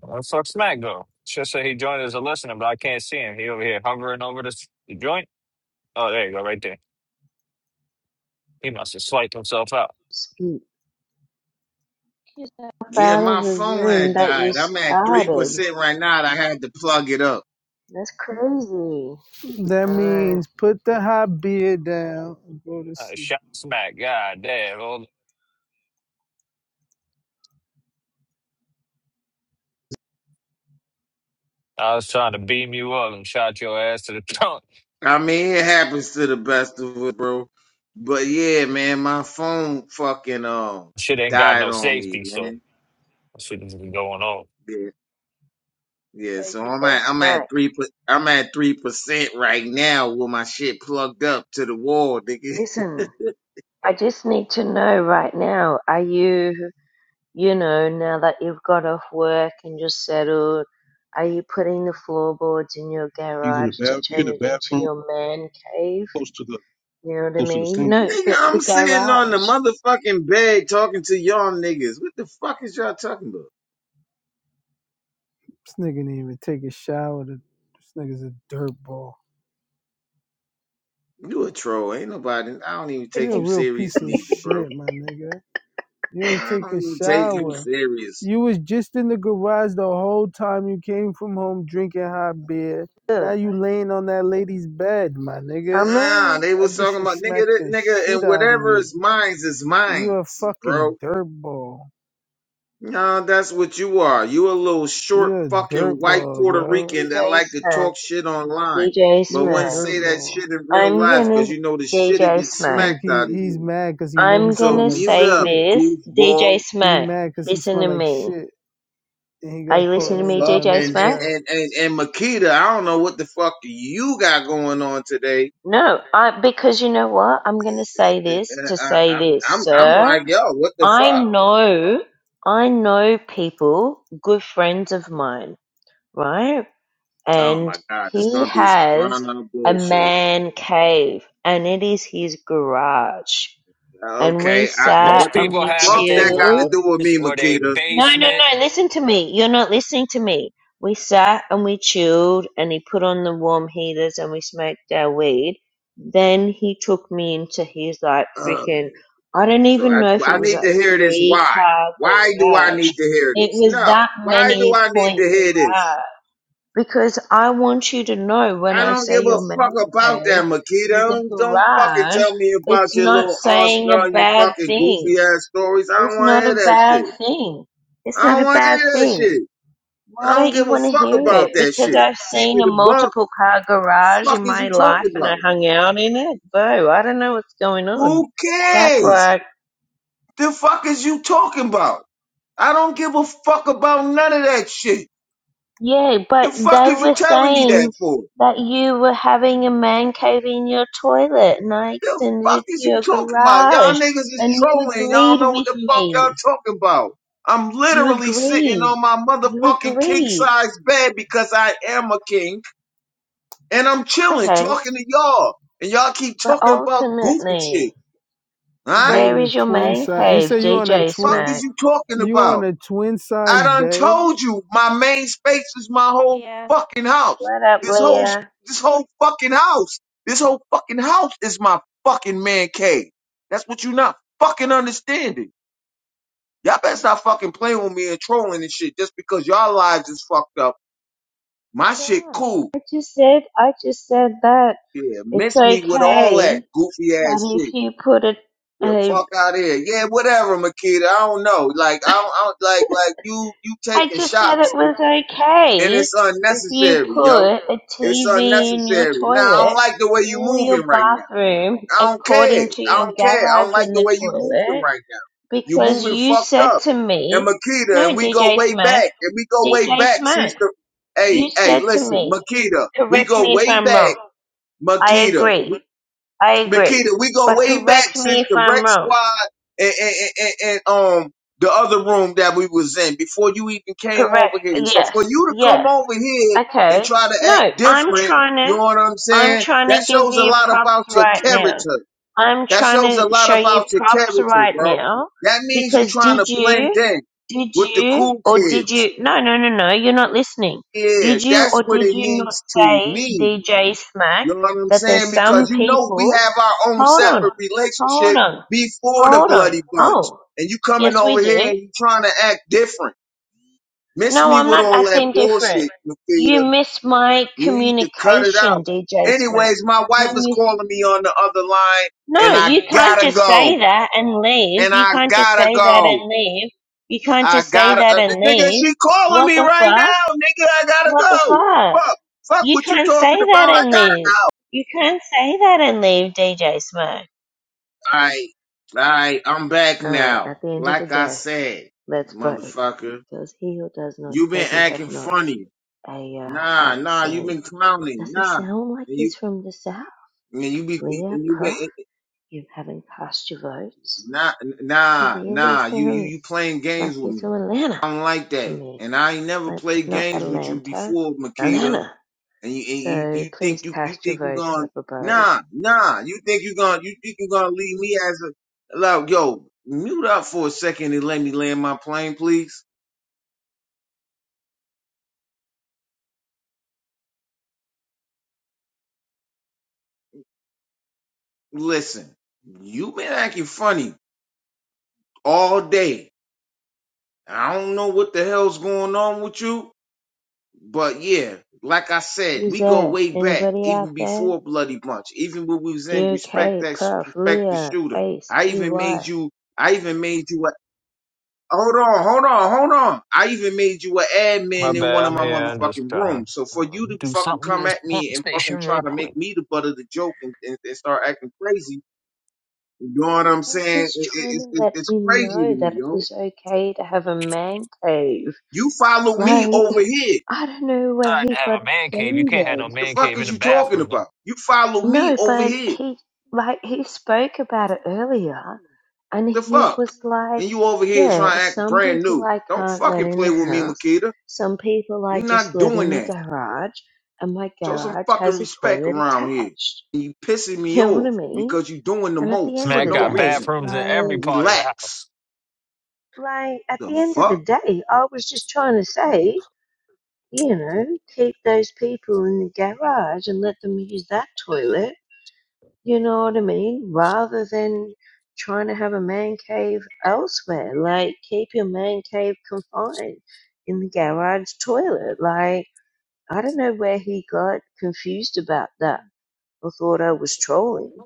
Where the fuck Smack go? Should say he joined as a listener, but I can't see him. He over here hovering over this joint. Oh, there you go, right there. He must have swiped himself out. yourself Yeah, out of my the phone room had that you died. I'm at three started. percent right now. and I had to plug it up. That's crazy. That Uh, means put the hot beer down and go to Uh, sleep. shot smack. God damn. Hold I was trying to beam you up and shot your ass to the trunk. I mean, it happens to the best of us, bro. But yeah, man, my phone fucking um Shit ain't got died no on me, safety, so man. shit is going on. Yeah, yeah. Tracy So I'm at I'm at Smack, three per- I'm at three percent right now with my shit plugged up to the wall, nigga. listen, I just need to know right now, are you, you know, now that you've got off work and you're settled, are you putting the floorboards in your He's in the garage to bath. You're in turn the it into bathroom, your man cave? close to the You know what I close to the mean? sink. No, Nigga, the, I'm the sitting on the garage. motherfucking bed talking to y'all niggas. What the fuck is y'all talking about? This nigga didn't even take a shower. To, This nigga's a dirtball. You a troll? Ain't nobody. I don't even You're take a you real serious piece of neither, bro. shit, my nigga. You ain't I take don't a even take you shower. serious. You was just in the garage the whole time you came from home drinking hot beer. Now Look, you laying on that lady's bed, my I'm nigga. Nah, a they That was bitch talking should about nigga, smack that the nigga, shit and out of whatever you. is mine is You mine, a bro. fucking dirtball. Nah, that's what you are. You a little short You're a fucking white dirtball, Puerto bro. Rican that DJ like to Smack. talk shit online, DJ but You're a wouldn't Smack. say that dirtball. shit in real I'm life gonna because you know the shit will DJ get Smack. Look, smacked he, out of he's you. mad because he know I'm he So smell gonna like mute say up, shit. this. DJ goofball. He Smack, mad because he listen smell to like me. shit and he Are got you caught listening The to laying me, on fuck? that DJ And lady's Smack? and bed. and and, and Makita, I don't know what the fuck you got going on today. No, I because you know what? I'm gonna say I, this to I- say I'm this, I'm I'm sir. like, yo, what the I fuck? know I know people, good friends of mine, right? Oh And my god, this he gonna be some drawn has out a bullshit. man cave and it is his garage. And we Okay, I, sat Most what and the people we have it fuck their that got chilled to do with garage me, or their Makita? No, no, basement. no. Listen to me. You're not listening to me. We sat and we chilled, and he put on the warm heaters and we smoked our weed. Then he took me into his like Um, freaking, I don't so even I, know if it I was need to like hear this. three Why? car Why do I garage. need to hear It this? was No. that Why do many I need to point hear this? garage. Because I want you to know when I I don't say give a your fuck man about that, cave Makita. is a Don't, don't fucking garage, tell me about it's your not little saying a Australian bad fucking thing goofy ass stories. I don't it's want to not a hear that shit. bad thing. It's I not don't a want to hear bad that thing. shit. Why I don't don't give you a want to fuck hear about it? that Because shit. I've Keep seen it a a buck. multiple car garage Fuck in is you my life talking and I about? hung out in it. So I don't know what's going on. Who Quack, cares? quack. The fuck is you talking about? I don't give a fuck about none of that shit. Yeah, The but fuck they is you were telling me that saying for? that you were having a man cave in your toilet and I The extended fuck it to is you your talking about? Y'all garage niggas is and you trolling. Y'all agreed know what with the fuck y'all me. talking about. I'm You literally sitting agreed. on my You motherfucking king agreed. size bed because I am a king and I'm chilling Okay, talking to y'all. And y'all keep but talking about goofy shit. ultimately. You Alright? Where on a is your twin man size? You cave, say you on a The DJ fuck twin? is Smack? you talking You about? on a twin I size done bed? told you my main space is my whole Yeah, fucking house. What up, This whole Leah? this whole fucking house. This whole fucking house is my fucking man cave. That's what you're not fucking understanding. Y'all better stop fucking playing with me and trolling and shit just because y'all lives is fucked up. My shit Yeah, cool. I just said, I just said that Yeah, it's miss me with all that okay goofy ass that if shit. you put a, The a fuck out here. Yeah, whatever, Makita. I don't know. Like I don't, I don't like like you you I taking just said shots. it was and okay it's if you unnecessary, yo. put a It's TV in your unnecessary. Now I don't toilet like the way you or your moving right now. bathroom I don't care. according to I your don't care. I garage don't like in the the way you moving toilet right now. You because moving you fucked said up. to And me, Makita, no, and we go DJ way Smack, back, and we go way DJ back since Smack. the. You Hey, hey, said to listen, me, Makita, correct we go me if way I'm back, wrong.' I Makita. agree. We. I agree. Makita, we go But way back correct me since if the Rec I'm wrong. Squad and, and, and, and um the other room that we was in before you even came Correct. over here. So for Yes. you to come Yes. over here and Okay. try to act No, I'm different, trying you to know what I'm I'm saying? trying That to give shows a you lot props about your right now. character. I'm That trying shows a to lot show you about your props character, right bro. now That means you because trying to did blend you in did with the you cool or did kids. you No, no, no, no, you're not listening. Yeah, Did you that's or what did it you not means to say me. DJ Smack You know what I'm that there's saying? some Because you know we people have our own Hold on. separate Hold relationship on. before the Hold on. bloody bunch. Oh, And you coming yes we over here did. and you trying to act different. Miss No, me I'm with not all that acting different. bullshit, You Nikita. missed my You need to cut it out. communication, DJ Smack. Anyways, my You wife is missed. calling me on the other line No, and I you can't gotta just go. say that and leave. And You I can't just gotta say that go. and leave. You can't I just say gotta, that uh, and nigga, leave. she calling What me the right fuck? now, nigga. I gotta What the go. What the fuck? fuck? Fuck You what you can't say talking that about. I and gotta leave. go. You can't say that and leave, DJ Smack. Alright, alright, I'm back All right. now. At the end of the Like I day, said, let's vote. motherfucker, Does he or does not? you been Does he have acting not funny. a uh, Nah, nah, you accent? been clowning. Does he Nah, sound like and you he's from the South? and you be Leah, and you been Prof, you haven't cast your votes. nah, He nah, really nah. You you sounds you playing like games with he's me. from Atlanta I don't like to that, me. and I ain't never Like, played not games with you Atlanta, before, Makita. Atlanta. and you and you, So you please think you you cast your think you votes going to up above. nah nah you think you going to you think you gonna leave me as a like yo mute up for a second and let me land my plane please listen you been acting funny all day I don't know what the hell's going on with you but yeah like I said Who's we go there? way back Anybody out even there? before Bloody Bunch even when we was in respect GOK, that Prof, respect the Leah, shooter Ace, I even made TY. you I even made you Hold on, hold on, hold on. I even made you an My admin in one bad, of I'm my here. I'm just motherfucking trying to rooms. So uh, for you to do fucking something to come this at pump me and fucking station real try to quick. make me the butt of the joke and, and, and start acting crazy, you know what I'm saying? was It, trying it, to it, let it's him crazy to know me, that it yo. was okay to have a man cave. You follow me over Like, here. I don't know where Tried to he got have a man cave. You can't have no offended. The man fuck cave in is the you talking bathroom. Though. about? You follow me No, over but here. he like he spoke about it earlier and The he fuck? was like, And you over here yeah, trying to act some brand people new. I Don't can't let fucking in play the with me, house, Makita. some people I We just not let doing in the that. garage, and my Show some garage fucking has a respect toilet around here. attached. you pissing me You know what I off mean? because you doing the And at the most end for of Smack the no got day, reason. bathrooms in every like part of the Relax. house. like at The the end of the fuck? day, I was just trying to say, you know, keep those people in the garage and let them use that toilet You know what I mean? Rather than trying to have a man cave elsewhere, like keep your man cave confined in the garage toilet. Like, I don't know where he got confused about that or thought I was trolling.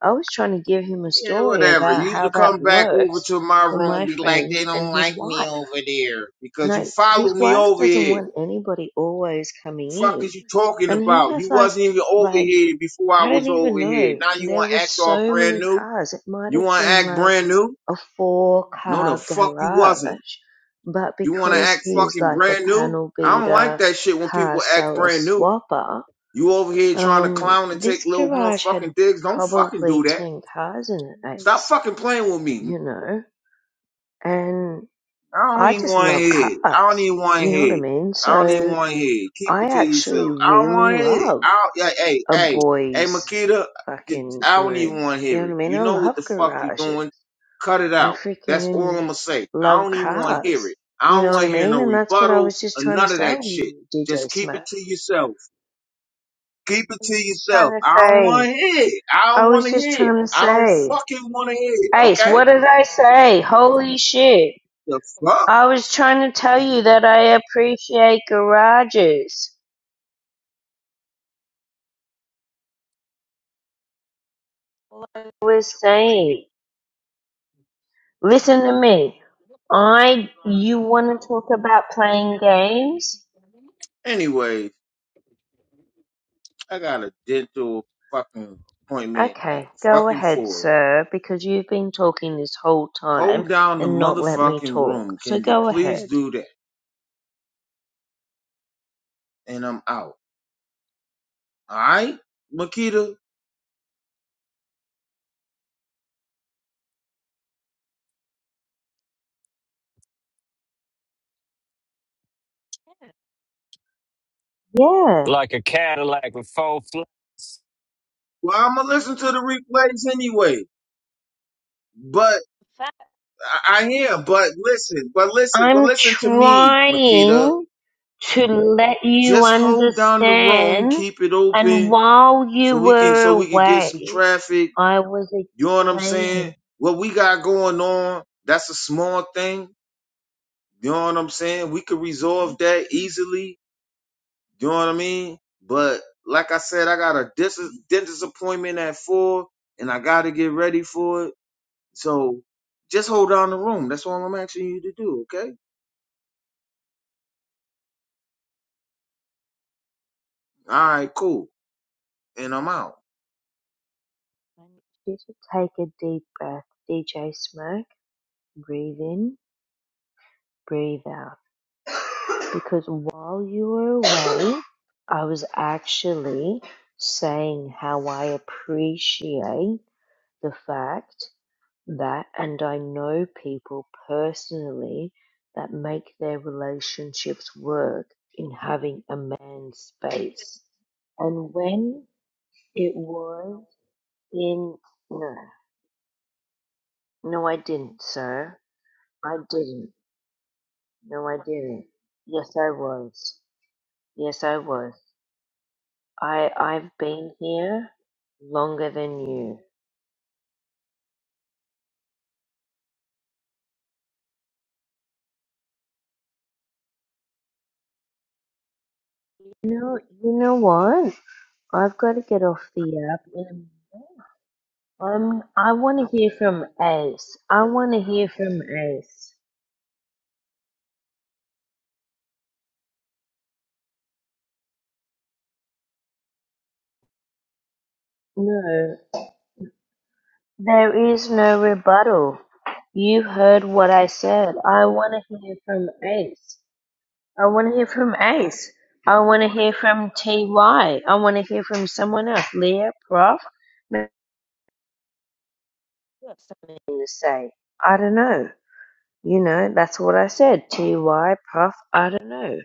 I was trying to give him a Yeah, story whatever. about You used to how that come back over works to my for room my be like, friend they and don't his like me wife. over there because you Like, his followed me wife over doesn't here. want anybody always The coming fuck in. is you talking And he about? has You like, wasn't even over like here before I I was don't even over here. know. Now you There want were to act all so brand many new? cars. It might You have want to been act like brand new? a four No, the car fuck you wasn't. garage, but You want to because act he's fucking like a brand new? panel I don't like beater, that shit when car people act seller, brand new. swapper, You over here trying to um, clown and take this little garage had motherfucking digs. Don't fucking do probably that. 10 cars in it, Stop Ace, fucking playing with me. you know? And I don't I even just want to love hear it. I don't cars. even want to You know what hear I it. mean? I don't even So want to hear it. Keep I it to actually yourself. I don't really want to hear it. love I don't, yeah, hey, a hey, hey, boy's Makita, fucking I don't even room. want to You know hear what it. I mean? You I know what love the fuck you doing? garages. Cut it I out. That's all I'm freaking going to say. I love don't even want to hear cars. it. I You don't know what want I to hear mean? no And that's what I rebuttal was just or trying to none of say that to shit. you, DJ Just keep it Smack. to yourself. Keep it to yourself. Trying to I don't want say. to hear it. I I don't want was to just hear it. trying to I don't say. fucking want to hear it. Ace, Okay? what did I say? Holy shit. The fuck? I was trying to tell you that I appreciate garages. What I was saying. Listen to me. I you wanna talk about playing games? Anyways, I got a dental fucking appointment at Okay, go fucking ahead, four. sir, because you've been talking this whole time Hold down the and not let me motherfucking talk. room. So Can you go please ahead. do that? And I'm out. All right, Makita. Yeah, Yeah, Like a Cadillac with four floors. Well, I'm gonna listen to the replays anyway. But I I hear. But listen. But listen. But I'm listen to me, Makita. trying to let you Just hold down the room. understand. Keep it And open while you so we can were so we can get some away, traffic. I was You know what I'm saying? explaining. What we got going on, that's a small thing. You know what I'm saying? We could resolve that easily. You know what I mean? But like I said, I got a dis- dentist appointment at four, and I got to get ready for it. So just hold down the room. That's all I'm asking you to do. Okay? All right, cool. And I'm out. I need you to take a deep breath, DJ Smoke. Breathe in, breathe out. because while you were away, I was actually saying how I appreciate the fact that, and I know people personally that make their relationships work in having a man's space. And when it was in, no, no, I didn't, sir. I didn't. No, I didn't. Yes, I was. Yes, I was. I I've been here longer than you. You know, you know what? I've got to get off the app. In a minute. Um, I want to hear from Ace. I want to hear from Ace. No, there is no rebuttal. You heard what I said. I want to hear from Ace. I want to hear from Ace. I want to hear from TY. I want to hear from someone else. Leah, Prof, maybe you've got something to say. I don't know. You know, that's what I said. TY, Puff, I don't know.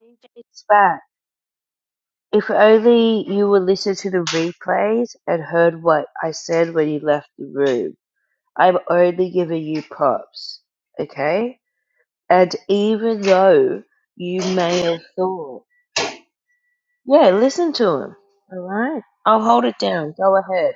DJ Spat. If only you would listen to the replays and heard what I said when you left the room. I'm only giving you props, okay? And even though you may have thought, yeah, listen to him, alright? I'll hold it down. Go ahead.